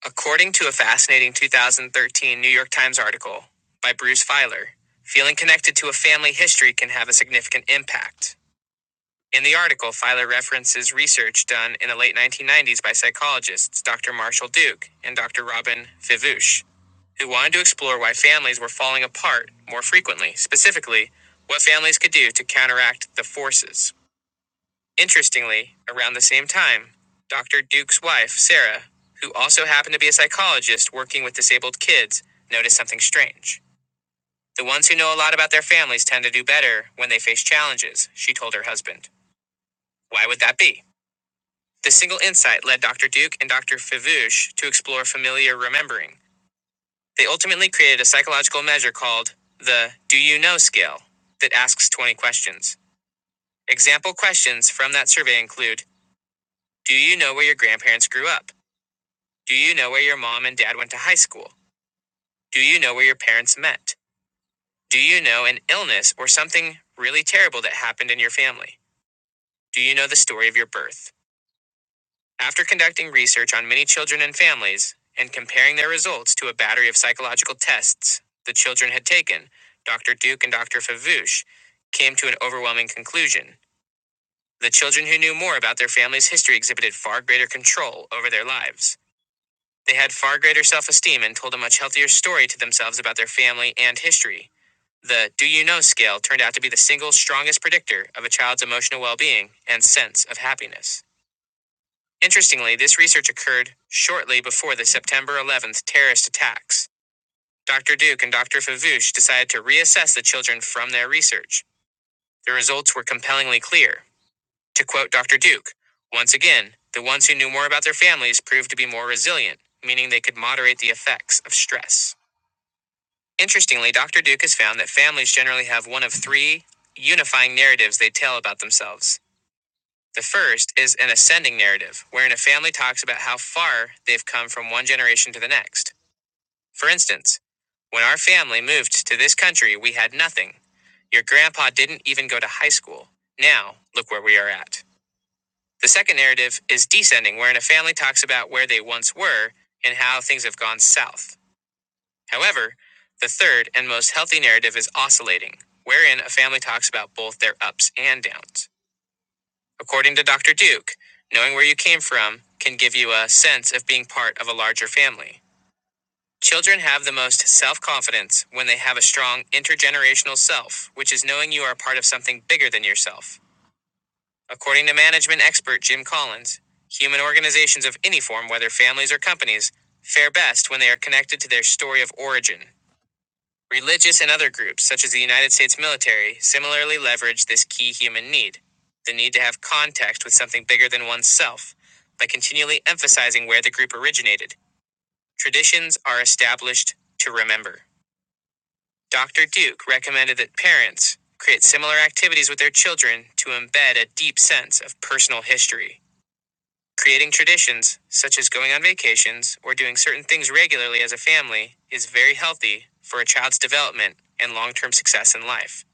According to a fascinating 2013 New York Times article by Bruce Feiler, feeling connected to a family history can have a significant impact. In the article, Filer references research done in the late 1990s by psychologists Dr. Marshall Duke and Dr. Robin Fivush, who wanted to explore why families were falling apart more frequently, specifically, what families could do to counteract the forces. Interestingly, around the same time, Dr. Duke's wife, Sarah, who also happened to be a psychologist working with disabled kids, noticed something strange. The ones who know a lot about their families tend to do better when they face challenges, she told her husband. Why would that be? This single insight led Dr. Duke and Dr. Favouche to explore familiar remembering. They ultimately created a psychological measure called the Do You Know scale that asks 20 questions. Example questions from that survey include Do you know where your grandparents grew up? Do you know where your mom and dad went to high school? Do you know where your parents met? Do you know an illness or something really terrible that happened in your family? Do you know the story of your birth? After conducting research on many children and families and comparing their results to a battery of psychological tests the children had taken, Dr. Duke and Dr. Favouche came to an overwhelming conclusion. The children who knew more about their family's history exhibited far greater control over their lives. They had far greater self esteem and told a much healthier story to themselves about their family and history. The Do You Know scale turned out to be the single strongest predictor of a child's emotional well being and sense of happiness. Interestingly, this research occurred shortly before the September 11th terrorist attacks. Dr. Duke and Dr. Favush decided to reassess the children from their research. The results were compellingly clear. To quote Dr. Duke, once again, the ones who knew more about their families proved to be more resilient, meaning they could moderate the effects of stress. Interestingly, Dr. Duke has found that families generally have one of three unifying narratives they tell about themselves. The first is an ascending narrative, wherein a family talks about how far they've come from one generation to the next. For instance, when our family moved to this country, we had nothing. Your grandpa didn't even go to high school. Now, look where we are at. The second narrative is descending, wherein a family talks about where they once were and how things have gone south. However, the third and most healthy narrative is oscillating, wherein a family talks about both their ups and downs. According to Dr. Duke, knowing where you came from can give you a sense of being part of a larger family. Children have the most self confidence when they have a strong intergenerational self, which is knowing you are part of something bigger than yourself. According to management expert Jim Collins, human organizations of any form, whether families or companies, fare best when they are connected to their story of origin. Religious and other groups, such as the United States military, similarly leverage this key human need the need to have context with something bigger than oneself by continually emphasizing where the group originated. Traditions are established to remember. Dr. Duke recommended that parents create similar activities with their children to embed a deep sense of personal history. Creating traditions, such as going on vacations or doing certain things regularly as a family, is very healthy for a child's development and long term success in life.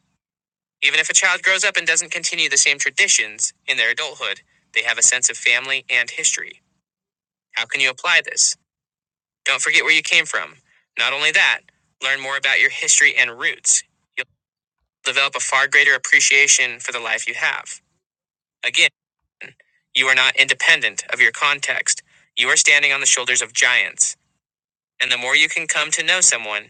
Even if a child grows up and doesn't continue the same traditions in their adulthood, they have a sense of family and history. How can you apply this? Don't forget where you came from. Not only that, learn more about your history and roots. You'll develop a far greater appreciation for the life you have. Again, you are not independent of your context, you are standing on the shoulders of giants. And the more you can come to know someone,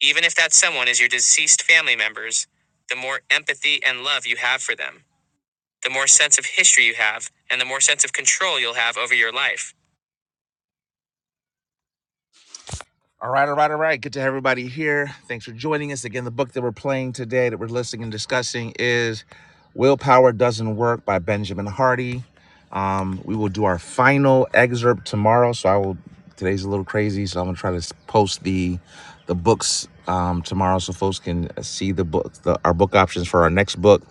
even if that someone is your deceased family members, the more empathy and love you have for them, the more sense of history you have, and the more sense of control you'll have over your life. All right, all right, all right. Good to have everybody here. Thanks for joining us. Again, the book that we're playing today, that we're listening and discussing, is Willpower Doesn't Work by Benjamin Hardy. Um, we will do our final excerpt tomorrow. So I will, today's a little crazy. So I'm going to try to post the the books um, tomorrow so folks can uh, see the book, the, our book options for our next book.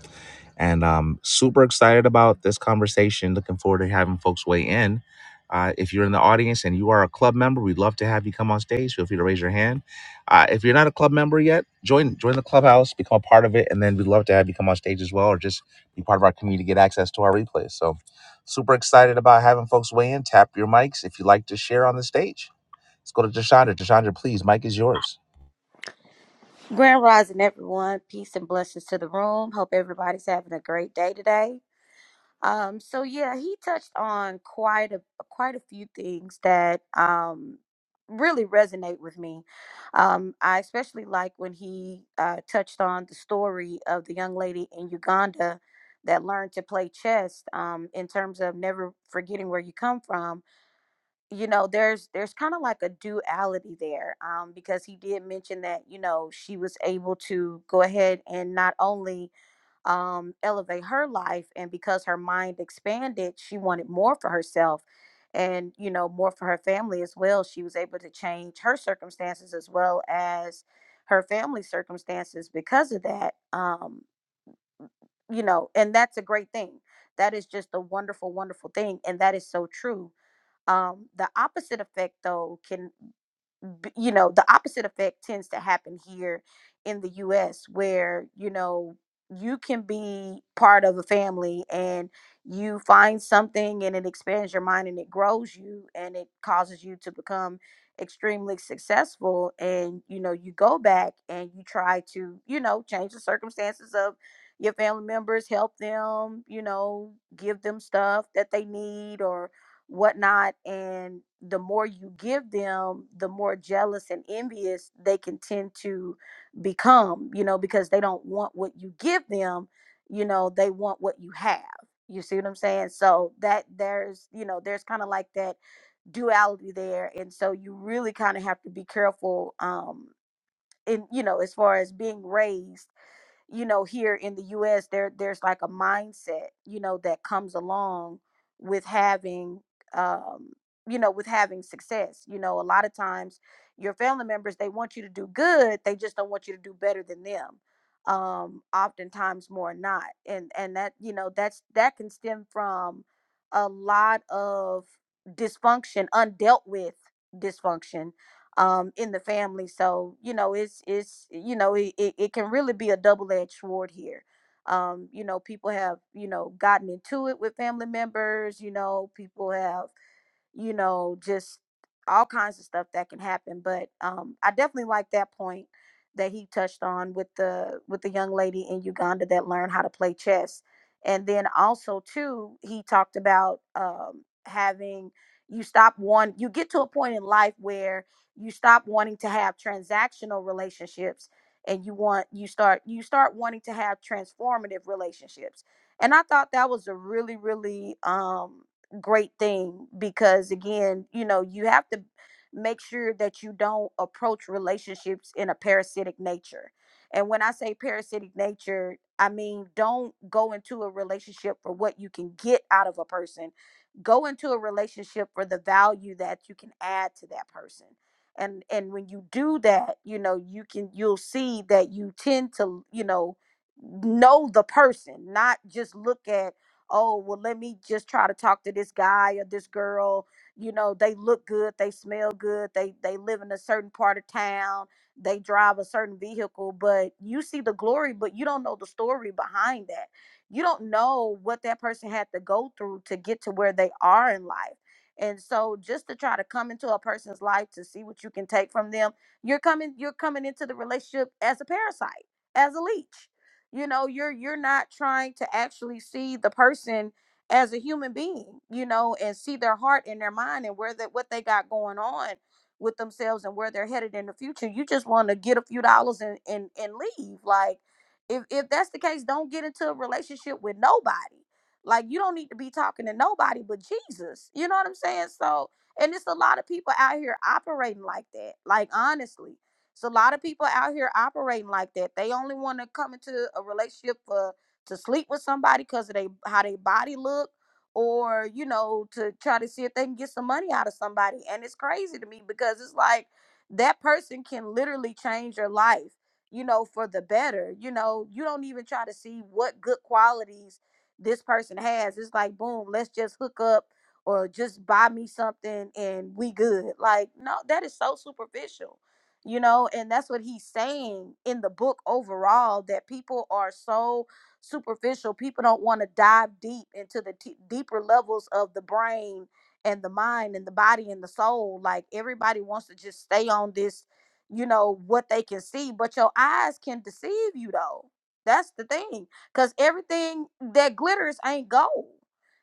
And um, super excited about this conversation. Looking forward to having folks weigh in uh, if you're in the audience and you are a club member, we'd love to have you come on stage. Feel free to raise your hand. Uh, if you're not a club member yet, join join the clubhouse, become a part of it, and then we'd love to have you come on stage as well, or just be part of our community, get access to our replays. So, super excited about having folks weigh in. Tap your mics if you'd like to share on the stage. Let's go to Deshondra. Deshondra, please, mic is yours.
Grand Rising, everyone. Peace and blessings to the room. Hope everybody's having a great day today. Um, so yeah, he touched on quite a quite a few things that um, really resonate with me. Um, I especially like when he uh, touched on the story of the young lady in Uganda that learned to play chess um, in terms of never forgetting where you come from you know there's there's kind of like a duality there um because he did mention that you know she was able to go ahead and not only um elevate her life and because her mind expanded she wanted more for herself and you know more for her family as well she was able to change her circumstances as well as her family circumstances because of that um you know and that's a great thing that is just a wonderful wonderful thing and that is so true um the opposite effect though can b- you know the opposite effect tends to happen here in the US where you know you can be part of a family and you find something and it expands your mind and it grows you and it causes you to become extremely successful and you know you go back and you try to you know change the circumstances of your family members help them you know give them stuff that they need or whatnot. And the more you give them, the more jealous and envious they can tend to become, you know, because they don't want what you give them, you know, they want what you have. You see what I'm saying? So that there's, you know, there's kind of like that duality there. And so you really kind of have to be careful um in, you know, as far as being raised you know here in the US there there's like a mindset you know that comes along with having um you know with having success you know a lot of times your family members they want you to do good they just don't want you to do better than them um oftentimes more not and and that you know that's that can stem from a lot of dysfunction undealt with dysfunction um in the family so you know it's it's you know it, it, it can really be a double-edged sword here um you know people have you know gotten into it with family members you know people have you know, just all kinds of stuff that can happen. But um, I definitely like that point that he touched on with the with the young lady in Uganda that learned how to play chess, and then also too he talked about um, having you stop one you get to a point in life where you stop wanting to have transactional relationships and you want you start you start wanting to have transformative relationships and i thought that was a really really um great thing because again you know you have to make sure that you don't approach relationships in a parasitic nature and when i say parasitic nature i mean don't go into a relationship for what you can get out of a person go into a relationship for the value that you can add to that person and and when you do that you know you can you'll see that you tend to you know know the person not just look at oh, well, let me just try to talk to this guy or this girl. You know, they look good, they smell good, they they live in a certain part of town, they drive a certain vehicle, but you see the glory, but you don't know the story behind that. You don't know what that person had to go through to get to where they are in life. And so just to try to come into a person's life to see what you can take from them, you're coming you're coming into the relationship as a parasite, as a leech you know you're you're not trying to actually see the person as a human being you know and see their heart and their mind and where that what they got going on with themselves and where they're headed in the future you just want to get a few dollars and and, and leave like if, if that's the case don't get into a relationship with nobody like you don't need to be talking to nobody but jesus you know what i'm saying so and it's a lot of people out here operating like that like honestly so a lot of people out here operating like that. They only want to come into a relationship for to sleep with somebody because of they how they body look, or you know, to try to see if they can get some money out of somebody. And it's crazy to me because it's like that person can literally change your life, you know, for the better. You know, you don't even try to see what good qualities this person has. It's like boom, let's just hook up or just buy me something and we good. Like, no, that is so superficial you know and that's what he's saying in the book overall that people are so superficial people don't want to dive deep into the t- deeper levels of the brain and the mind and the body and the soul like everybody wants to just stay on this you know what they can see but your eyes can deceive you though that's the thing because everything that glitters ain't gold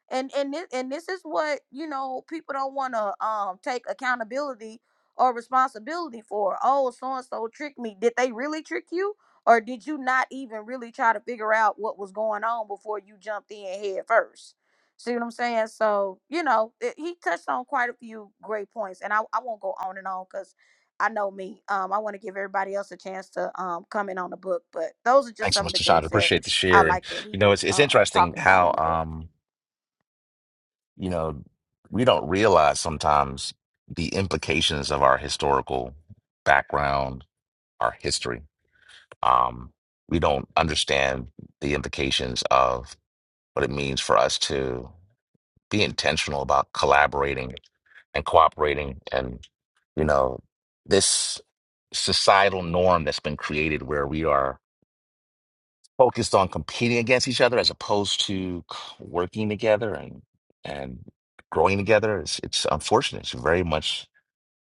and and this, and this is what you know people don't want to um take accountability or responsibility for. Oh, so and so tricked me. Did they really trick you? Or did you not even really try to figure out what was going on before you jumped in head first? See what I'm saying? So, you know, it, he touched on quite a few great points. And I, I won't go on and on because I know me. Um, I want to give everybody else a chance to um, comment on the book. But those are just
Thanks so
some
much,
of the
Deshondra.
things that
Appreciate the
I
share, and
like that
you
he
know it's
was
it's
um,
interesting
talking about in
how
the book.
um you know, we don't realize sometimes the implications of our historical background, our history. Um, we don't understand the implications of what it means for us to be intentional about collaborating and cooperating and you know this societal norm that's been created where we are focused on competing against each other as opposed to c- working together and and growing together. It's it's unfortunate. It's very much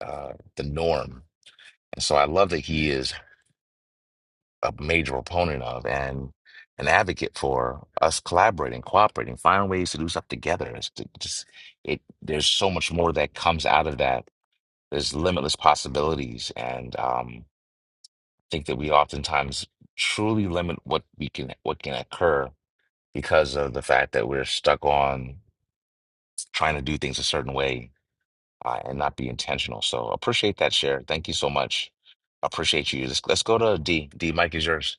uh, the norm, and so I love that he is a major proponent of and an advocate for us collaborating, cooperating, finding ways to do stuff together. It's t- just it. There's so much more that comes out of that. There's limitless possibilities, and um, I think that we oftentimes truly limit what we can what can occur because of the fact that we're stuck on trying to do things a certain way uh, and not be intentional. So appreciate that share. Thank you so much. Appreciate you. Let's, let's go to D. D, Mike is yours.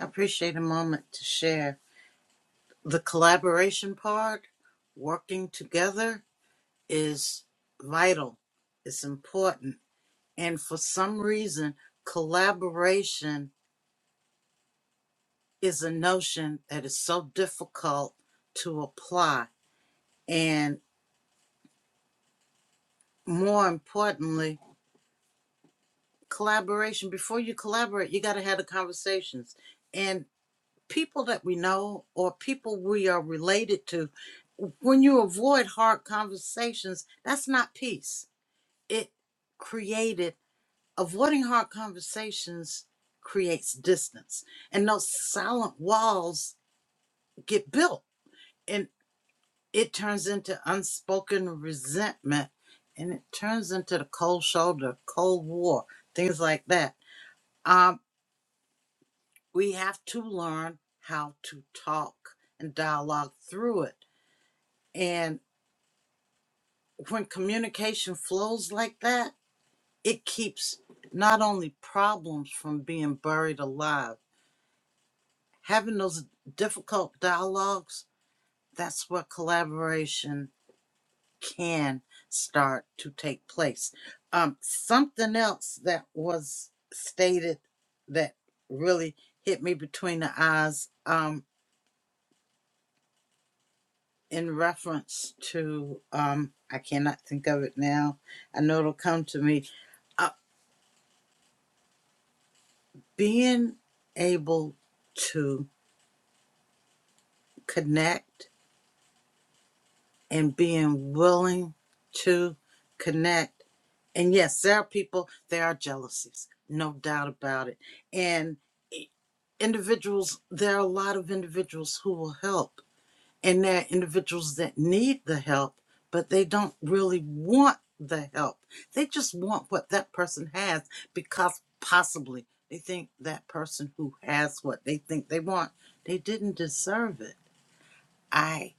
I appreciate a moment to share. The collaboration part, working together, is vital. It's important. And for some reason, collaboration is a notion that is so difficult to apply. And more importantly, collaboration. Before you collaborate, you got to have the conversations. And people that we know or people we are related to, when you avoid hard conversations, that's not peace. It created, avoiding hard conversations creates distance. And those silent walls get built And it turns into unspoken resentment and it turns into the cold shoulder, cold war, things like that. Um, we have to learn how to talk and dialogue through it. And when communication flows like that, it keeps not only problems from being buried alive, having those difficult dialogues, that's where collaboration can start to take place. Um, something else that was stated that really hit me between the eyes um, in reference to, um, I cannot think of it now. I know it'll come to me. Uh, being able to connect and being willing to connect. And yes, there are people, there are jealousies, no doubt about it. And individuals there are a lot of individuals who will help and there are individuals that need the help but they don't really want the help they just want what that person has because possibly they think that person who has what they think they want they didn't deserve it i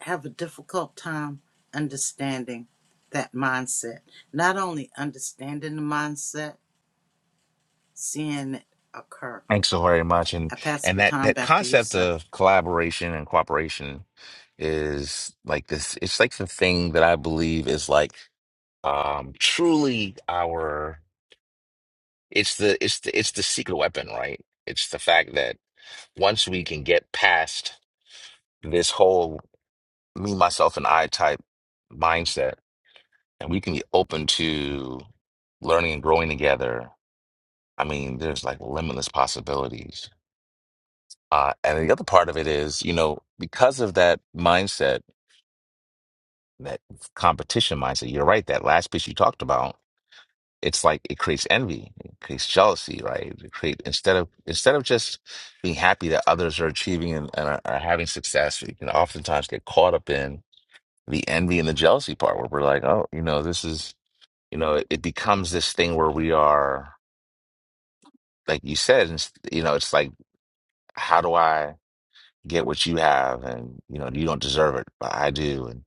have a difficult time understanding that mindset not only understanding the mindset seeing it occur
Thanks so very much. And
i pass the
and that
baton
that
back to you
concept
sir
of collaboration and cooperation is like this. It's like the thing that I believe is like um truly our. It's the it's the it's the secret weapon, right? It's the fact that once we can get past this whole me, myself, and I type mindset, and we can be open to learning and growing together, I mean, there's like limitless possibilities. Uh, and the other part of it is, you know, because of that mindset, that competition mindset, you're right, that last piece you talked about, it's like it creates envy, it creates jealousy, right? It create instead of instead of just being happy that others are achieving and, and are, are having success, you can oftentimes get caught up in the envy and the jealousy part where we're like, oh, you know, this is you know, it, it becomes this thing where we are, like you said, and, s- you know, it's like, how do I get what you have? And, you know, you don't deserve it, but I do. And,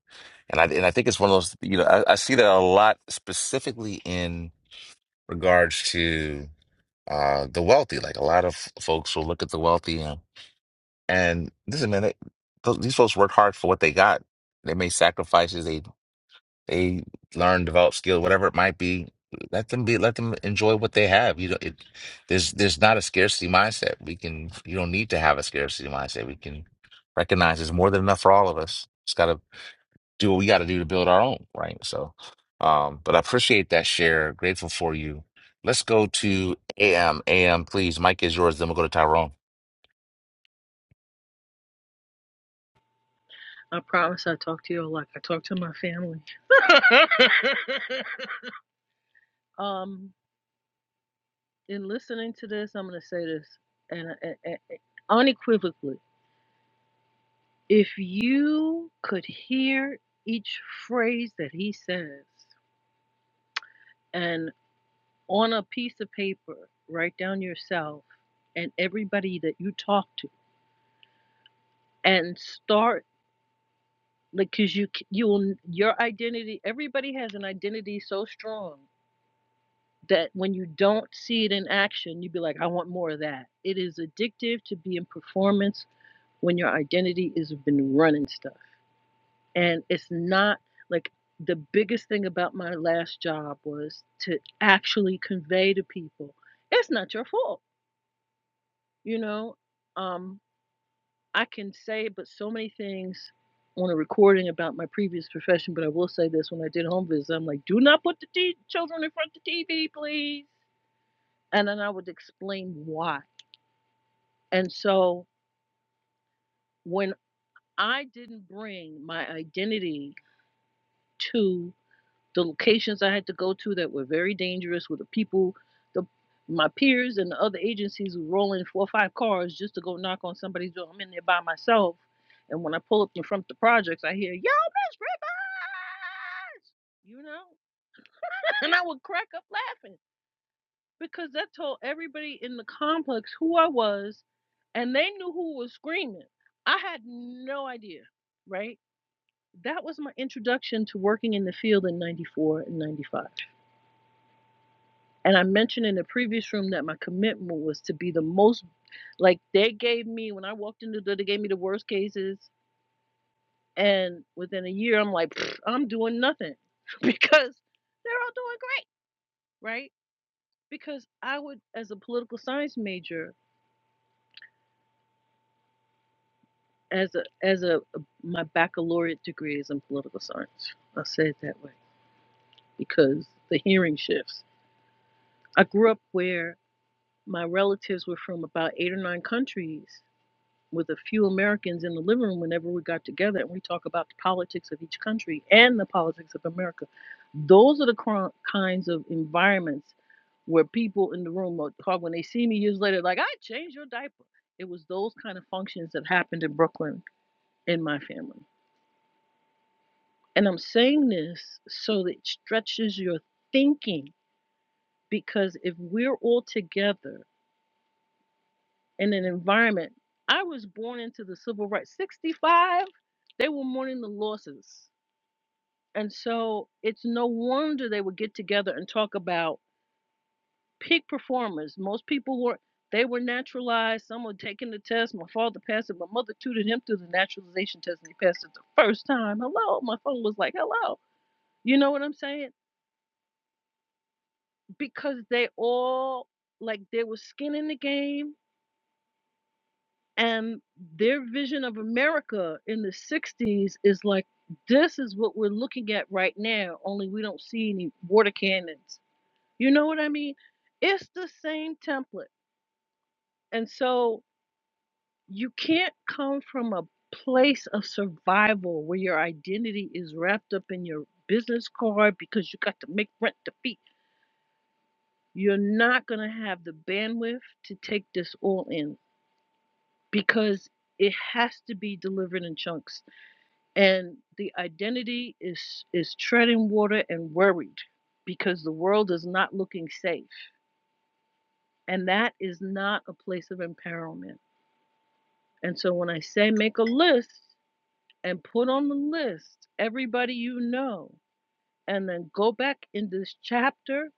and I, and I think it's one of those, you know, I, I see that a lot specifically in regards to uh, the wealthy. Like a lot of folks will look at the wealthy and, and listen, man, they, those, these folks work hard for what they got. They made sacrifices. They learn, develop skill, whatever it might be. Let them be. Let them enjoy what they have. You know, it, there's there's not a scarcity mindset. We can. You don't need to have a scarcity mindset. We can recognize there's more than enough for all of us. It's got to do what we got to do to build our own, right? So, um, but I appreciate that share. Grateful for you. Let's go to AM. AM, please. Mike is yours. Then we'll go to Tyrone.
I promise I talk to you like I talk to my family. um, in listening to this, I'm gonna say this, and, and, and unequivocally If you could hear each phrase that he says and on a piece of paper, write down yourself and everybody that you talk to and start like cuz you c- you will your identity everybody has an identity so strong that when you don't see it in action you'd be like I want more of that. It is addictive to be in performance when your identity has been running stuff. and it's not like the biggest thing about my last job was to actually convey to people it's not your fault you know um i can say but so many things on a recording about my previous profession but i will say this when i did home visits i'm like do not put the t- children in front of the tv please and then i would explain why and so when i didn't bring my identity to the locations I had to go to that were very dangerous with the people, the my peers and the other agencies were rolling four or five cars just to go knock on somebody's door. I'm in there by myself. And when I pull up in front of the projects, I hear, Yo, Miss Rivers! You know? And I would crack up laughing because that told everybody in the complex who I was and they knew who was screaming. I had no idea, right? That was my introduction to working in the field in 94 and 95 And I mentioned in the previous room that my commitment was to be the most like they gave me when I walked in the door, they gave me the worst cases. And within a year, I'm like, "Pfft, I'm doing nothing because they're all doing great, right? Because I would, as a political science major, as a as a my baccalaureate degree is in political science. I'll say it that way because the hearing shifts. I grew up where my relatives were from about eight or nine countries with a few Americans in the living room whenever we got together and we talk about the politics of each country and the politics of America. Those are the cr- kinds of environments where people in the room will talk when they see me years later, like, I changed your diaper. It was those kind of functions that happened in Brooklyn in my family. And I'm saying this so that it stretches your thinking because if we're all together in an environment. I was born into the civil rights 65. They were mourning the losses. And so it's no wonder they would get together and talk about peak performers. Most people were they were naturalized, some were taking the test. My father passed it. My mother tutored him through the naturalization test and he passed it the first time. Hello. My phone was like, hello. You know what I'm saying? Because they all like there was skin in the game And their vision of America in the 60s is like, this is what we're looking at right now, only we don't see any water cannons. You know what I mean? It's the same template. And so you can't come from a place of survival where your identity is wrapped up in your business card because you got to make rent to feed. You're not going to have the bandwidth to take this all in because it has to be delivered in chunks and the identity is is treading water and worried because the world is not looking safe and that is not a place of empowerment and so when i say make a list and put on the list everybody you know and then go back in this chapter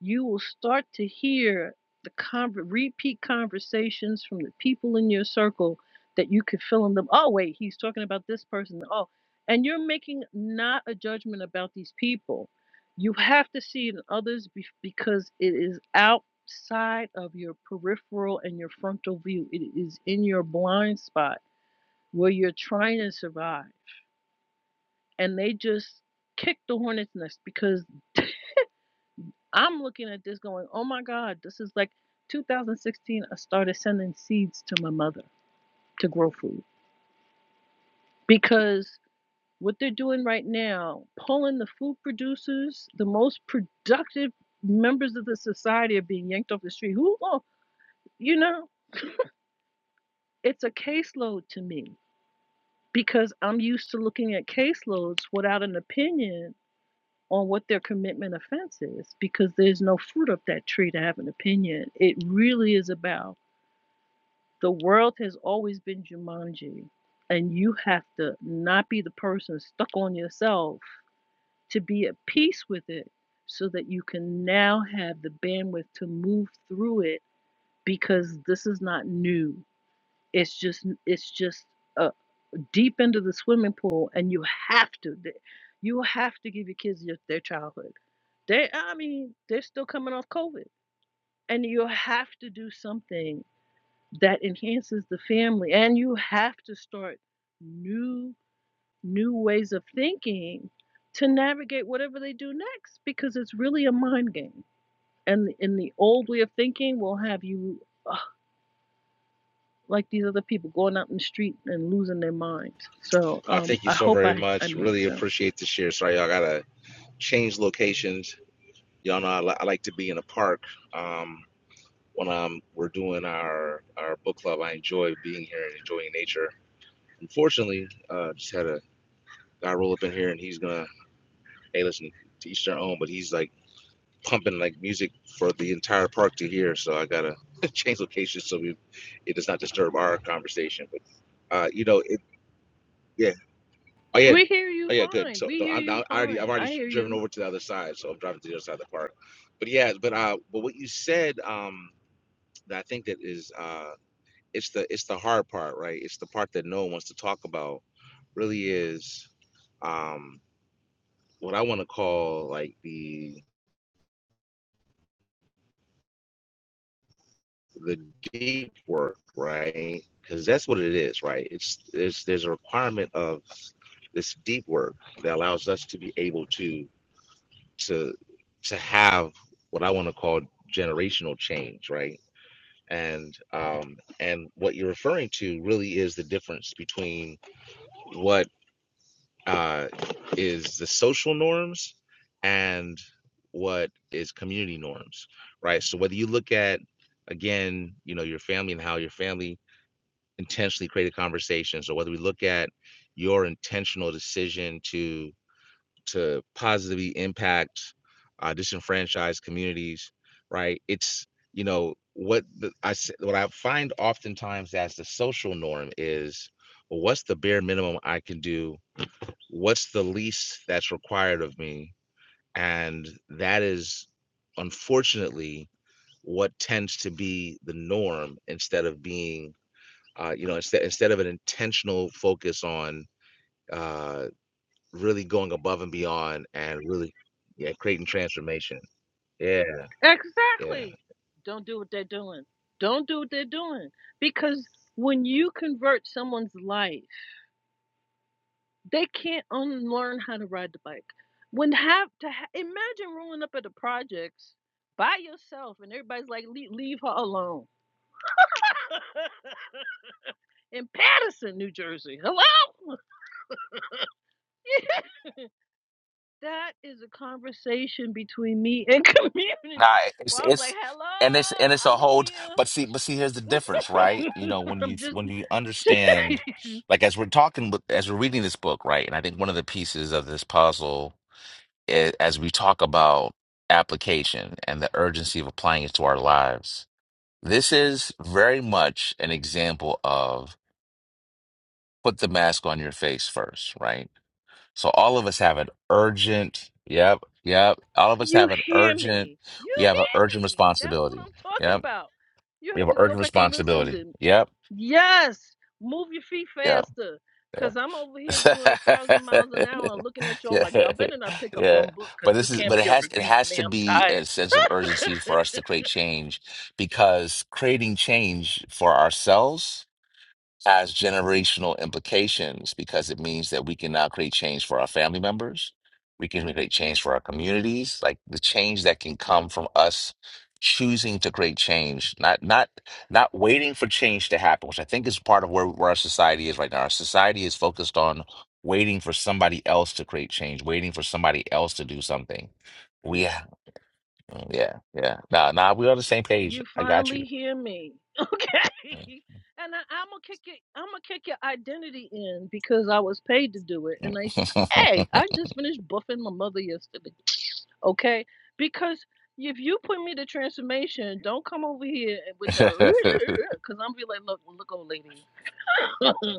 you will start to hear the conver- repeat conversations from the people in your circle that you could fill in them. Oh, wait, he's talking about this person. Oh, and you're making not a judgment about these people. You have to see it in others be- because it is outside of your peripheral and your frontal view. It is in your blind spot where you're trying to survive. And they just kick the hornet's nest because I'm looking at this going, oh my God, this is like 2016. I started sending seeds to my mother to grow food because what they're doing right now, pulling the food producers, the most productive members of the society are being yanked off the street. Who, oh, you know, it's a caseload to me because I'm used to looking at caseloads without an opinion on what their commitment offense is because there's no fruit up that tree to have an opinion. It really is about The world has always been Jumanji, and you have to not be the person stuck on yourself to be at peace with it so that you can now have the bandwidth to move through it because this is not new. It's just it's just uh, deep into the swimming pool and you have to you have to give your kids your, their childhood. They I mean, they're still coming off COVID and you have to do something that enhances the family and you have to start new new ways of thinking to navigate whatever they do next because it's really a mind game and in the old way of thinking will have you ugh, like these other people going out in the street and losing their minds so
Uh,
um
thank you
i
so
hope
very
i i
much.
made
Really
sense
appreciate the share. Sorry, y'all gotta change locations. Y'all know I, li- I like to be in a park. Um, when um we're doing our our book club. I enjoy being here and enjoying nature. Unfortunately, uh, just had a guy roll up in here and he's gonna hey listen to each their own, but he's like pumping like music for the entire park to hear. So I gotta change location so we it does not disturb our conversation. But uh, you know it yeah oh yeah.
we hear you
Oh yeah, good.
fine
So
we
so
hear
I'm
you
now I already I've
fine i
already
hear
driven
you
over to the other side, so I'm driving to the other side of the park. But yeah, but uh, but what you said um that I think that is uh. it's the it's the hard part, right? It's the part that no one wants to talk about. Really is um, what I want to call like the the deep work, right? Because that's what it is, right? It's there's there's a requirement of this deep work that allows us to be able to to to have what I want to call generational change, right? And um, and what you're referring to really is the difference between what uh, is the social norms and what is community norms, right? So whether you look at again, you know, your family and how your family intentionally created conversations, or whether we look at your intentional decision to to positively impact uh, disenfranchised communities, right? It's you know what the, I s- what I find oftentimes as the social norm is, well, what's the bare minimum I can do what's the least that's required of me and that is unfortunately what tends to be the norm instead of being uh, you know instead instead of an intentional focus on uh, really going above and beyond and really yeah creating transformation yeah yeah
exactly don't do what they're doing don't do what they're doing because when you convert someone's life They can't unlearn how to ride the bike. When have to ha- imagine rolling up at the projects by yourself and everybody's like, leave, leave her alone. In Patterson, New Jersey. Hello? that is a conversation between me and
Nah,
community.
it's
Well, I was like,
it's and it's and it's a whole but see but see here's the difference, right?
hello, I'm here.
You know, when you
I'm just,
when you understand like as we're talking with as we're reading this book, right? And I think one of the pieces of this puzzle is, as we talk about application and the urgency of applying it to our lives. This is very much an example of put the mask on your face first, right? So all of us have an urgent, yep, yep. All of us
you
have an
hear
urgent,
me. You
we have an urgent
hear me. That's what
responsibility.
I'm talking
Yep
about. You
We
have
have an
to go
urgent
back and listen
responsibility.
to
Yep.
Yes, move your feet
Yep.
faster.
Yeah.
Cause I'm over here doing a thousand miles an hour and looking at y'all
yeah,
like y'all better not pick a
yeah,
bum book
but
because this
this is
can't
but it
be a
has it
review for
has
me.
to
I'm
be
tired.
a sense of urgency for us to create change because creating change for ourselves has generational implications because it means that we can now create change for our family members. We can create change for our communities, like the change that can come from us choosing to create change, not not not waiting for change to happen, which I think is part of where, where our society is right now. Our society is focused on waiting for somebody else to create change, waiting for somebody else to do something. We, yeah, yeah. Nah, nah, we're on the same page.
You
I got
finally
you.
hear me. Okay. And I, I'm gonna kick your I'm gonna kick your identity in because I was paid to do it. And I said, Hey, I just finished buffing my mother yesterday. Okay? Because if you put me to transformation, don't come over here and with the because I'm be like, look, look, old lady.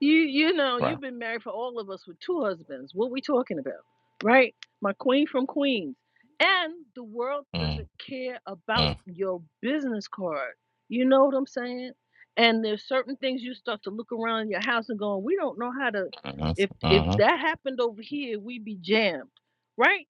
You you know,
right.
you've been married for all of us with two husbands. What we talking about? Right? My queen from Queens. And the world
Mm.
doesn't care about your business card. You know what I'm saying? And there's certain things you start to look around your house and going, we don't know how to
Mm-hmm.
if if
hmm
that happened over here, we'd be jammed. Right?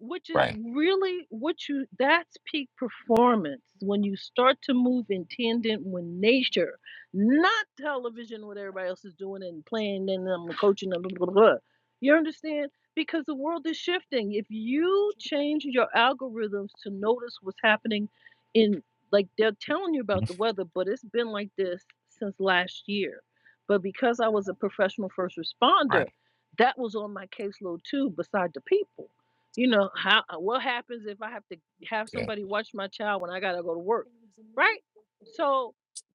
which is
Right.
really what you that's peak performance when you start to move in tandem with nature not television what everybody else is doing and playing and um, coaching and blah, blah, blah. you understand because the world is shifting if you change your algorithms to notice what's happening in like they're telling you about the
Mhm.
weather but it's been like this since last year but because i was a professional first responder
Right.
that was on my caseload too beside the people you know how uh, what happens if i have to have
Yeah.
somebody watch my child when i gotta go to work right so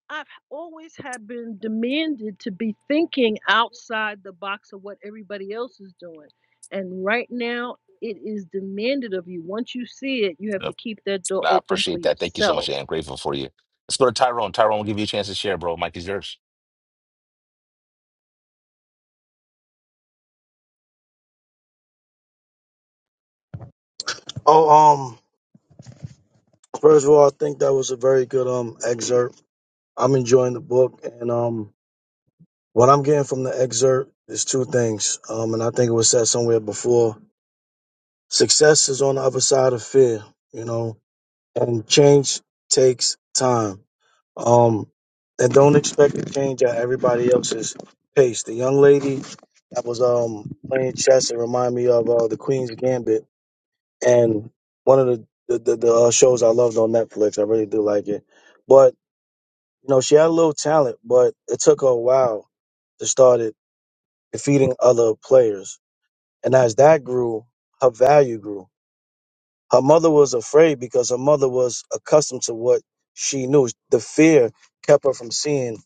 i've always have been demanded to be thinking outside the box of what everybody else is doing and right now it is demanded of you once you see it you have to
Yep.
keep that door
Nah, I
open for
appreciate that. Thank you so much.
yourself
and I'm grateful for you. Let's go to Tyrone. Tyrone, we'll give you a chance to share, bro. Mike is yours.
Oh, um, first of all, I think that was a very good um excerpt. I'm enjoying the book, and um, what I'm getting from the excerpt is two things. Um, and I think it was said somewhere before: success is on the other side of fear. You know, and change takes time. Um, and don't expect to change at everybody else's pace. The young lady that was um playing chess it reminded me of uh, the Queen's Gambit, and one of the the, the, the uh, shows I loved on Netflix. I really do like it, but you know she had a little talent, but it took her a while to start it defeating other players, and as that grew, her value grew. Her mother was afraid because her mother was accustomed to what she knew. The fear kept her from seeing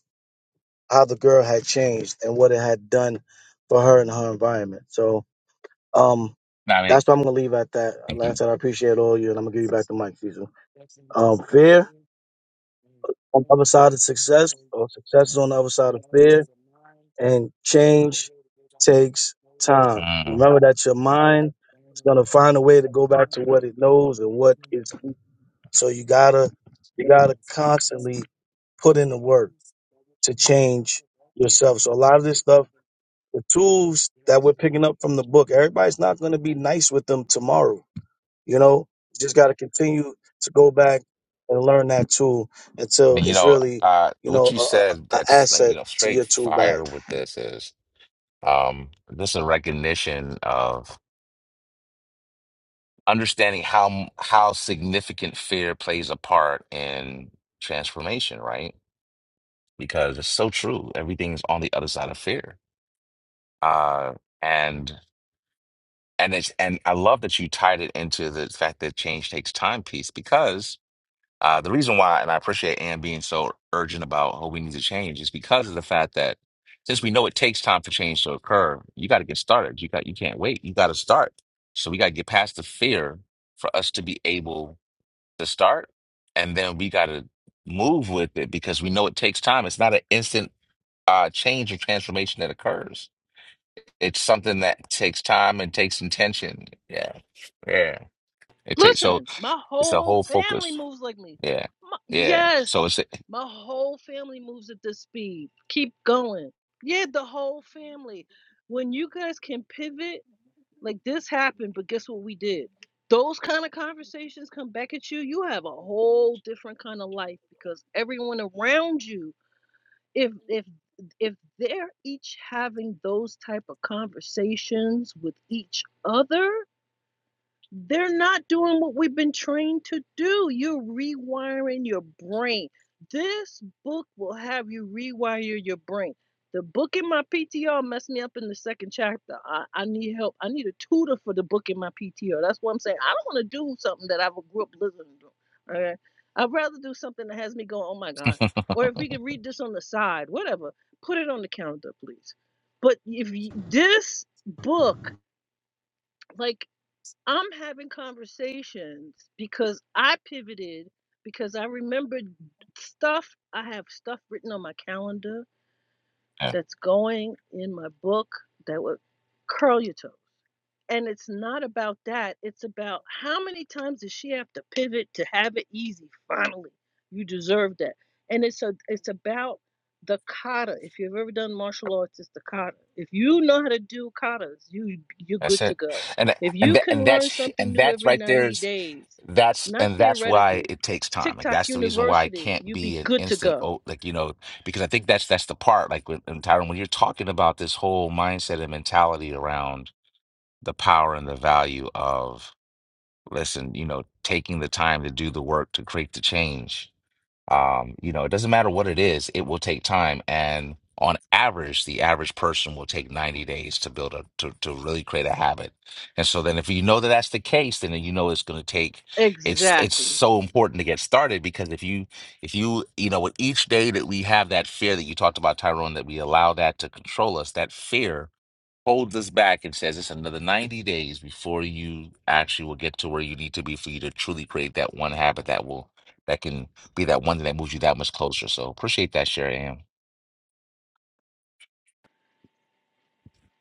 how the girl had changed and what it had done for her and her environment. So um,
Nah, I mean,
that's what I'm gonna leave at that.
thank
Like I
you.
said, I appreciate all you, and I'm gonna give you back the mic, Cecil. Um, fear on the other side of success, or success is on the other side of fear, and change takes time.
Mm.
Remember that your mind is gonna find a way to go back to what it knows and what is. So you gotta you gotta constantly put in the work to change yourself. So a lot of this stuff, the tools that we're picking up from the book, everybody's not gonna be nice with them tomorrow. You know, you just gotta continue to go back and learn that tool until
And you
it's
know,
really,
uh,
you know,
what you
a, a,
said
a
that's like, you
asset
know,
to
straight
your tool
fire
bag.
with this is um this is a recognition of understanding how how significant fear plays a part in transformation, right? because it's so true. Everything's on the other side of fear. Uh, and and it's and I love that you tied it into the fact that change takes time piece because uh, the reason why, and I appreciate Ann being so urgent about how we need to change is because of the fact that since we know it takes time for change to occur, you got to get started. You got you can't wait. You got to start. So we got to get past the fear for us to be able to start, and then we got to move with it because we know it takes time. It's not an instant uh, change or transformation that occurs. It's something that takes time and takes intention. Yeah, yeah. It takes so
Listen, my
it's a
whole
whole
family
focus.
moves like me.
Yeah,
My,
yeah. So
yes,
it's it.
my whole family moves at this speed. Keep going. Yeah, the whole family. When you guys can pivot, like this happened, but guess what we did? Those kind of conversations come back at you. You have a whole different kind of life because everyone around you, if if if they're each having those type of conversations with each other, they're not doing what we've been trained to do. You're rewiring your brain. This book will have you rewire your brain. The book in my PTR messed me up in the second chapter. I, I need help. I need a tutor for the book in my PTR. That's what I'm saying. I don't want to do something that I grew up listening to. Okay. I'd rather do something that has me going, oh my God. Or if we can read this on the side, whatever. Put it on the calendar, please. But if you, this book, like I'm having conversations because I pivoted because I remembered stuff. I have stuff written on my calendar
yeah,
that's going in my book that would curl your toes. And it's not about that. It's about how many times does she have to pivot to have it easy? Finally, you deserve that. And it's a it's about the kata. If you've ever done martial arts, it's the kata. If you know how to do katas, you you're
that's
good to
it.
go.
And
If
and
you
that,
can
and
learn
that's
something
and
new
that's
every
right there
90
is
days,
that's
not
and that's why
theoretically,
it takes time. Like
TikTok
that's the reason why it
University,
can't
you'd be
be an
good to
instant.
go.
Oh, like you know, because I think that's that's the part. Like when and Tyron, when you're talking about this whole mindset and mentality around the power and the value of listen, you know, taking the time to do the work to create the change. Um, you know, it doesn't matter what it is, it will take time. And on average, the average person will take 90 days to build a to, to really create a habit. And so then if you know that that's the case, then you know it's gonna take it's it's
Exactly.
so important to get started because if you if you you know with each day that we have that fear that you talked about, Tyrone, that we allow that to control us, that fear holds us back and says it's another 90 days before you actually will get to where you need to be for you to truly create that one habit that will that can be that one thing that moves you that much closer. So appreciate that, Sherry Ann.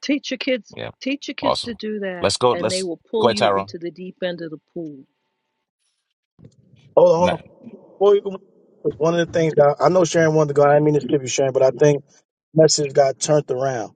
Teach your kids
Yeah.
teach your kids
Awesome.
to do that
Let's go.
and they
Let's
will
go
pull
ahead,
you
Tyrone.
into the deep end of the pool
Hold on, hold
Man,
on. Before you go, 'cause one of the things that I I know Sharon wanted to go, I didn't mean to skip you, Sharon, but I think message got turned around.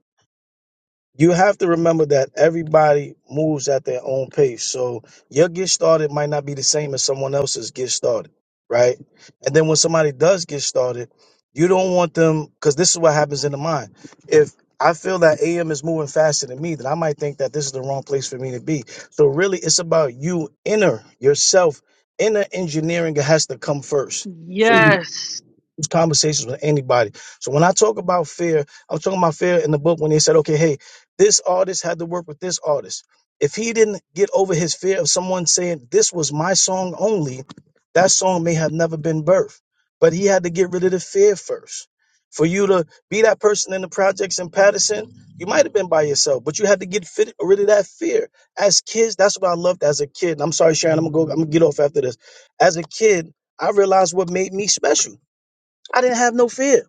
you have to remember that everybody moves at their own pace. So your get started might not be the same as someone else's get started, right? And then when somebody does get started, you don't want them because this is what happens in the mind. If I feel that AM is moving faster than me, then I might think that this is the wrong place for me to be. So really, it's about you inner yourself. Inner engineering has to come first for you
Yes.
conversations with anybody. So when I talk about fear, I am talking about fear in the book when they said, okay, hey, this artist had to work with this artist. If he didn't get over his fear of someone saying, this was my song only, that song may have never been birthed. But he had to get rid of the fear first. For you to be that person in the projects in Patterson, you might have been by yourself, but you had to get fit, rid of that fear. As kids, that's what I loved as a kid. And I'm sorry, Sharon, I'm gonna go, I'm gonna get off after this. As a kid, I realized what made me special. I didn't have no fear.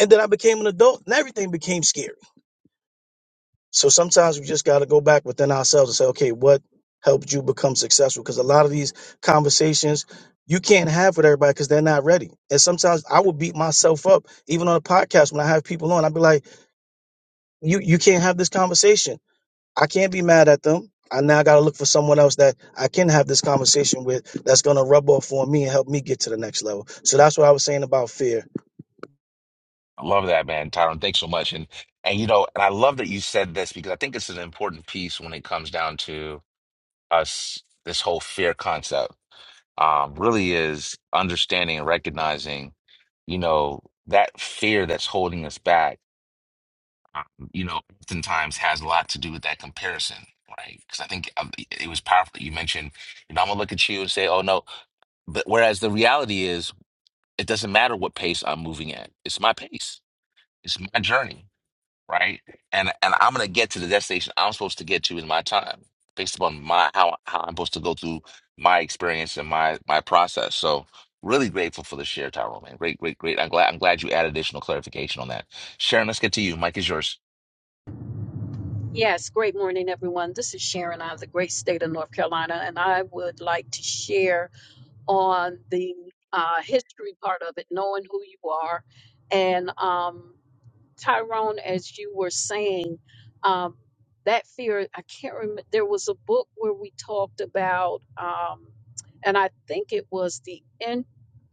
And then I became an adult and everything became scary. So sometimes we just got to go back within ourselves and say, okay, what helped you become successful? Because a lot of these conversations you can't have with everybody because they're not ready. And sometimes I will beat myself up, even on a podcast when I have people on, I'd be like, you, you can't have this conversation. I can't be mad at them. I now got to look for someone else that I can have this conversation with that's going to rub off on me and help me get to the next level. So that's what I was saying about fear
I love that, man. Tyrone, thanks so much. And and you know, and I love that you said this because I think it's an important piece when it comes down to us this whole fear concept. Um, really is understanding and recognizing you know, that fear that's holding us back, um, you know, oftentimes has a lot to do with that comparison, right? Because I think um, it it was powerful that you mentioned, you know, I'm gonna look at you and say, oh no. But whereas the reality is, it doesn't matter what pace I'm moving at, it's my pace, it's my journey right? And and I'm gonna get to the destination I'm supposed to get to in my time, based upon my how how I'm supposed to go through my experience and my my process. So really grateful for the share, Tyrone, man. Great, great, great. I'm glad I'm glad you added additional clarification on that. Sharon, let's get to you. Mike is yours.
Yes, great morning, everyone. This is Sharon out of the great state of North Carolina, and I would like to share on the uh, history part of it, knowing who you are. And um, Tyrone, as you were saying, um, that fear, I can't remember, there was a book where we talked about, um, and I think it was the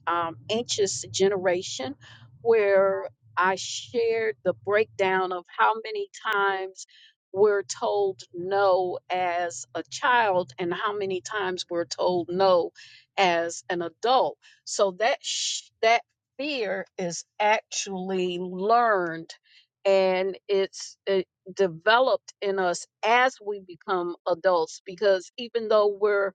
um, anxious generation where I shared the breakdown of how many times we're told no as a child and how many times we're told no as an adult. So that sh- that fear is actually learned and it's it developed in us as we become adults because even though we're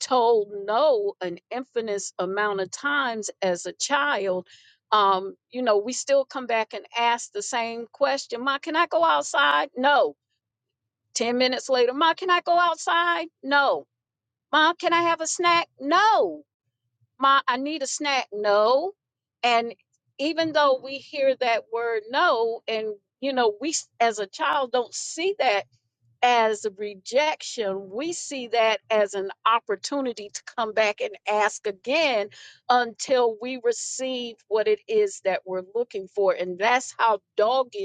told no an infinite amount of times as a child, um, you know, we still come back and ask the same question Ma, can I go outside? No. 10 minutes later, Ma, can I go outside? No. Ma, can I have a snack? No. Ma, I need a snack. No. And even though we hear that word no, and, you know, we s- as a child don't see that as rejection, we see that as an opportunity to come back and ask again until we receive what it is that we're looking for. And that's how dogged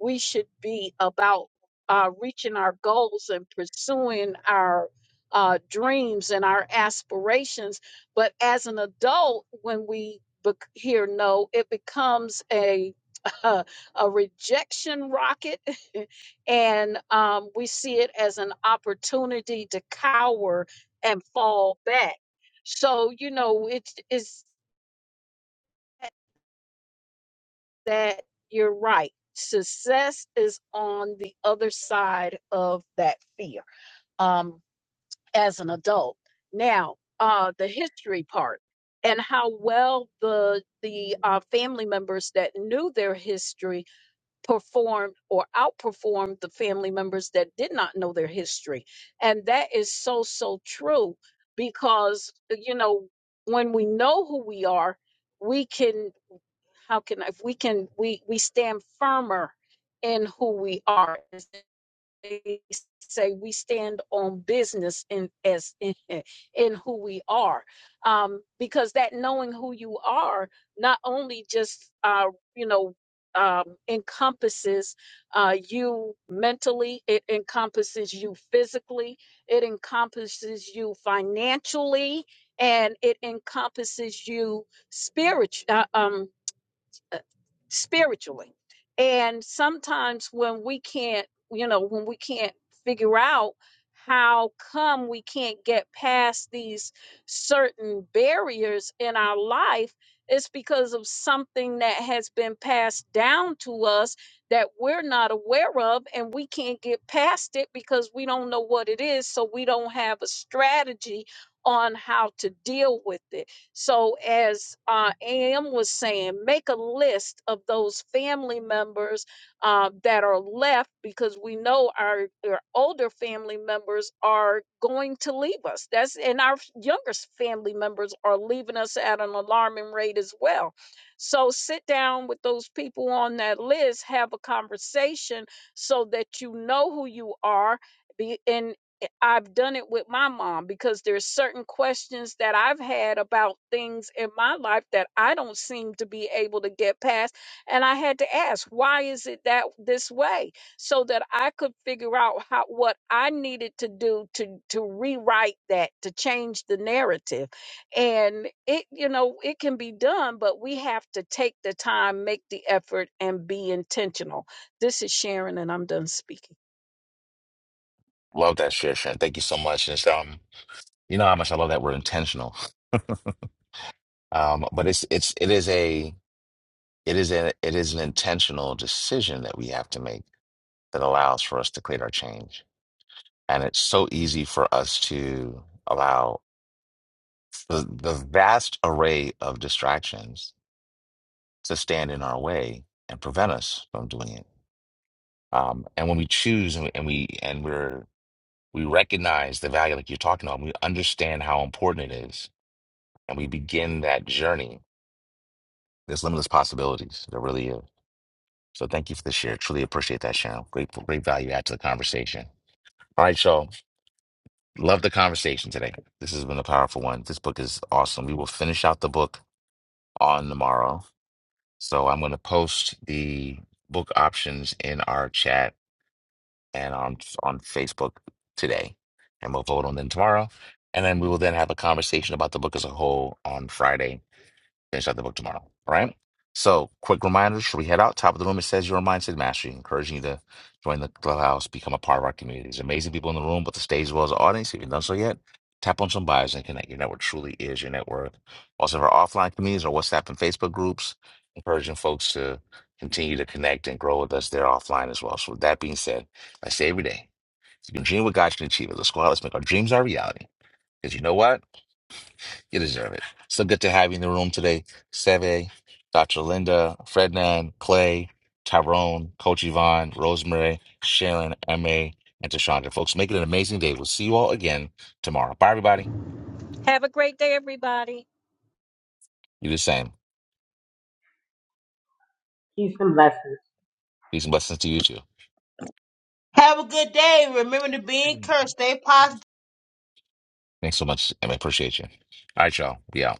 we should be about uh, reaching our goals and pursuing our uh, dreams and our aspirations. But as an adult, when we bec hear no, it becomes a a rejection rocket and um, we see it as an opportunity to cower and fall back. So you know, it's that you're right. Success is on the other side of that fear. Um, as an adult, now uh, the history part and how well the the uh, family members that knew their history performed or outperformed the family members that did not know their history. And that is so, so true because, uh, you know, when we know who we are, we can, how can, I- if we can, we, we stand firmer in who we are say we stand on business in as in, in who we are um because that knowing who you are not only just uh you know um encompasses uh you mentally it encompasses you physically it encompasses you financially and it encompasses you spiritually Uh, um, uh, spiritually. And sometimes when we can't, you know, when we can't figure out how come we can't get past these certain barriers in our life, it's because of something that has been passed down to us that we're not aware of, and we can't get past it because we don't know what it is. So we don't have a strategy on how to deal with it. So, as uh, AM was saying, make a list of those family members uh, that are left because we know our, our older family members are going to leave us. That's and our f- younger family members are leaving us at an alarming rate as well. So, sit down with those people on that list, have a conversation so that you know who you are. Be and it- I've done it with my mom because there's certain questions that I've had about things in my life that I don't seem to be able to get past and I had to ask why is it that this way so that I could figure out how what I needed to do to to rewrite that to change the narrative and it you know it can be done but we have to take the time make the effort and be intentional this is Sharon and I'm done speaking
Love that share, Sharon. Thank you so much. And it's, um, you know how much I love that word intentional. Um, but it's it's it is a it is a it is an intentional decision that we have to make that allows for us to create our change And it's so easy for us to allow the, the vast array of distractions to stand in our way and prevent us from doing it. Um, and when we choose and, we- and we and we're we recognize the value, like you're talking about, we understand how important it is, and we begin that journey. There's limitless possibilities. There really is. So thank you for the share. Truly appreciate that, Sharon. Great, great value add to the conversation. All right, y'all. Love the conversation today. This has been a powerful one. This book is awesome. We will finish out the book on the morrow. So I'm going to post the book options in our chat and on on Facebook today, and we'll vote on them tomorrow. And then we will then have a conversation about the book as a whole on Friday finish out the book tomorrow. All right. So, quick reminder: should we head out? Top of the room, it says your mindset mastery, encouraging you to join the clubhouse, become a part of our community. There's amazing people in the room, but the stage as well as the audience. If you've done so yet, tap on some bios and connect. Your network truly is your net worth. Also, our offline communities, our WhatsApp and Facebook groups, encouraging folks to continue to connect and grow with us there offline as well. So, with that being said, I say every day, if you can dream what God can achieve it. Let's go out. Let's make our dreams our reality. Because you know what? You deserve it. So good to have you in the room today, Seve, Dr. Linda, Frednan, Clay, Tyrone, Coach Yvonne, Rosemary, Sharon, MA, and Tashandra. Folks, make it an amazing day. We'll see you all again tomorrow. Bye, everybody.
have a great day everybody
You the same.
Peace and blessings.
Peace and blessings to you too.
Have a good day. Remember to be encouraged. Stay positive.
Thanks so much, MA. Appreciate you. All right, y'all. Be out.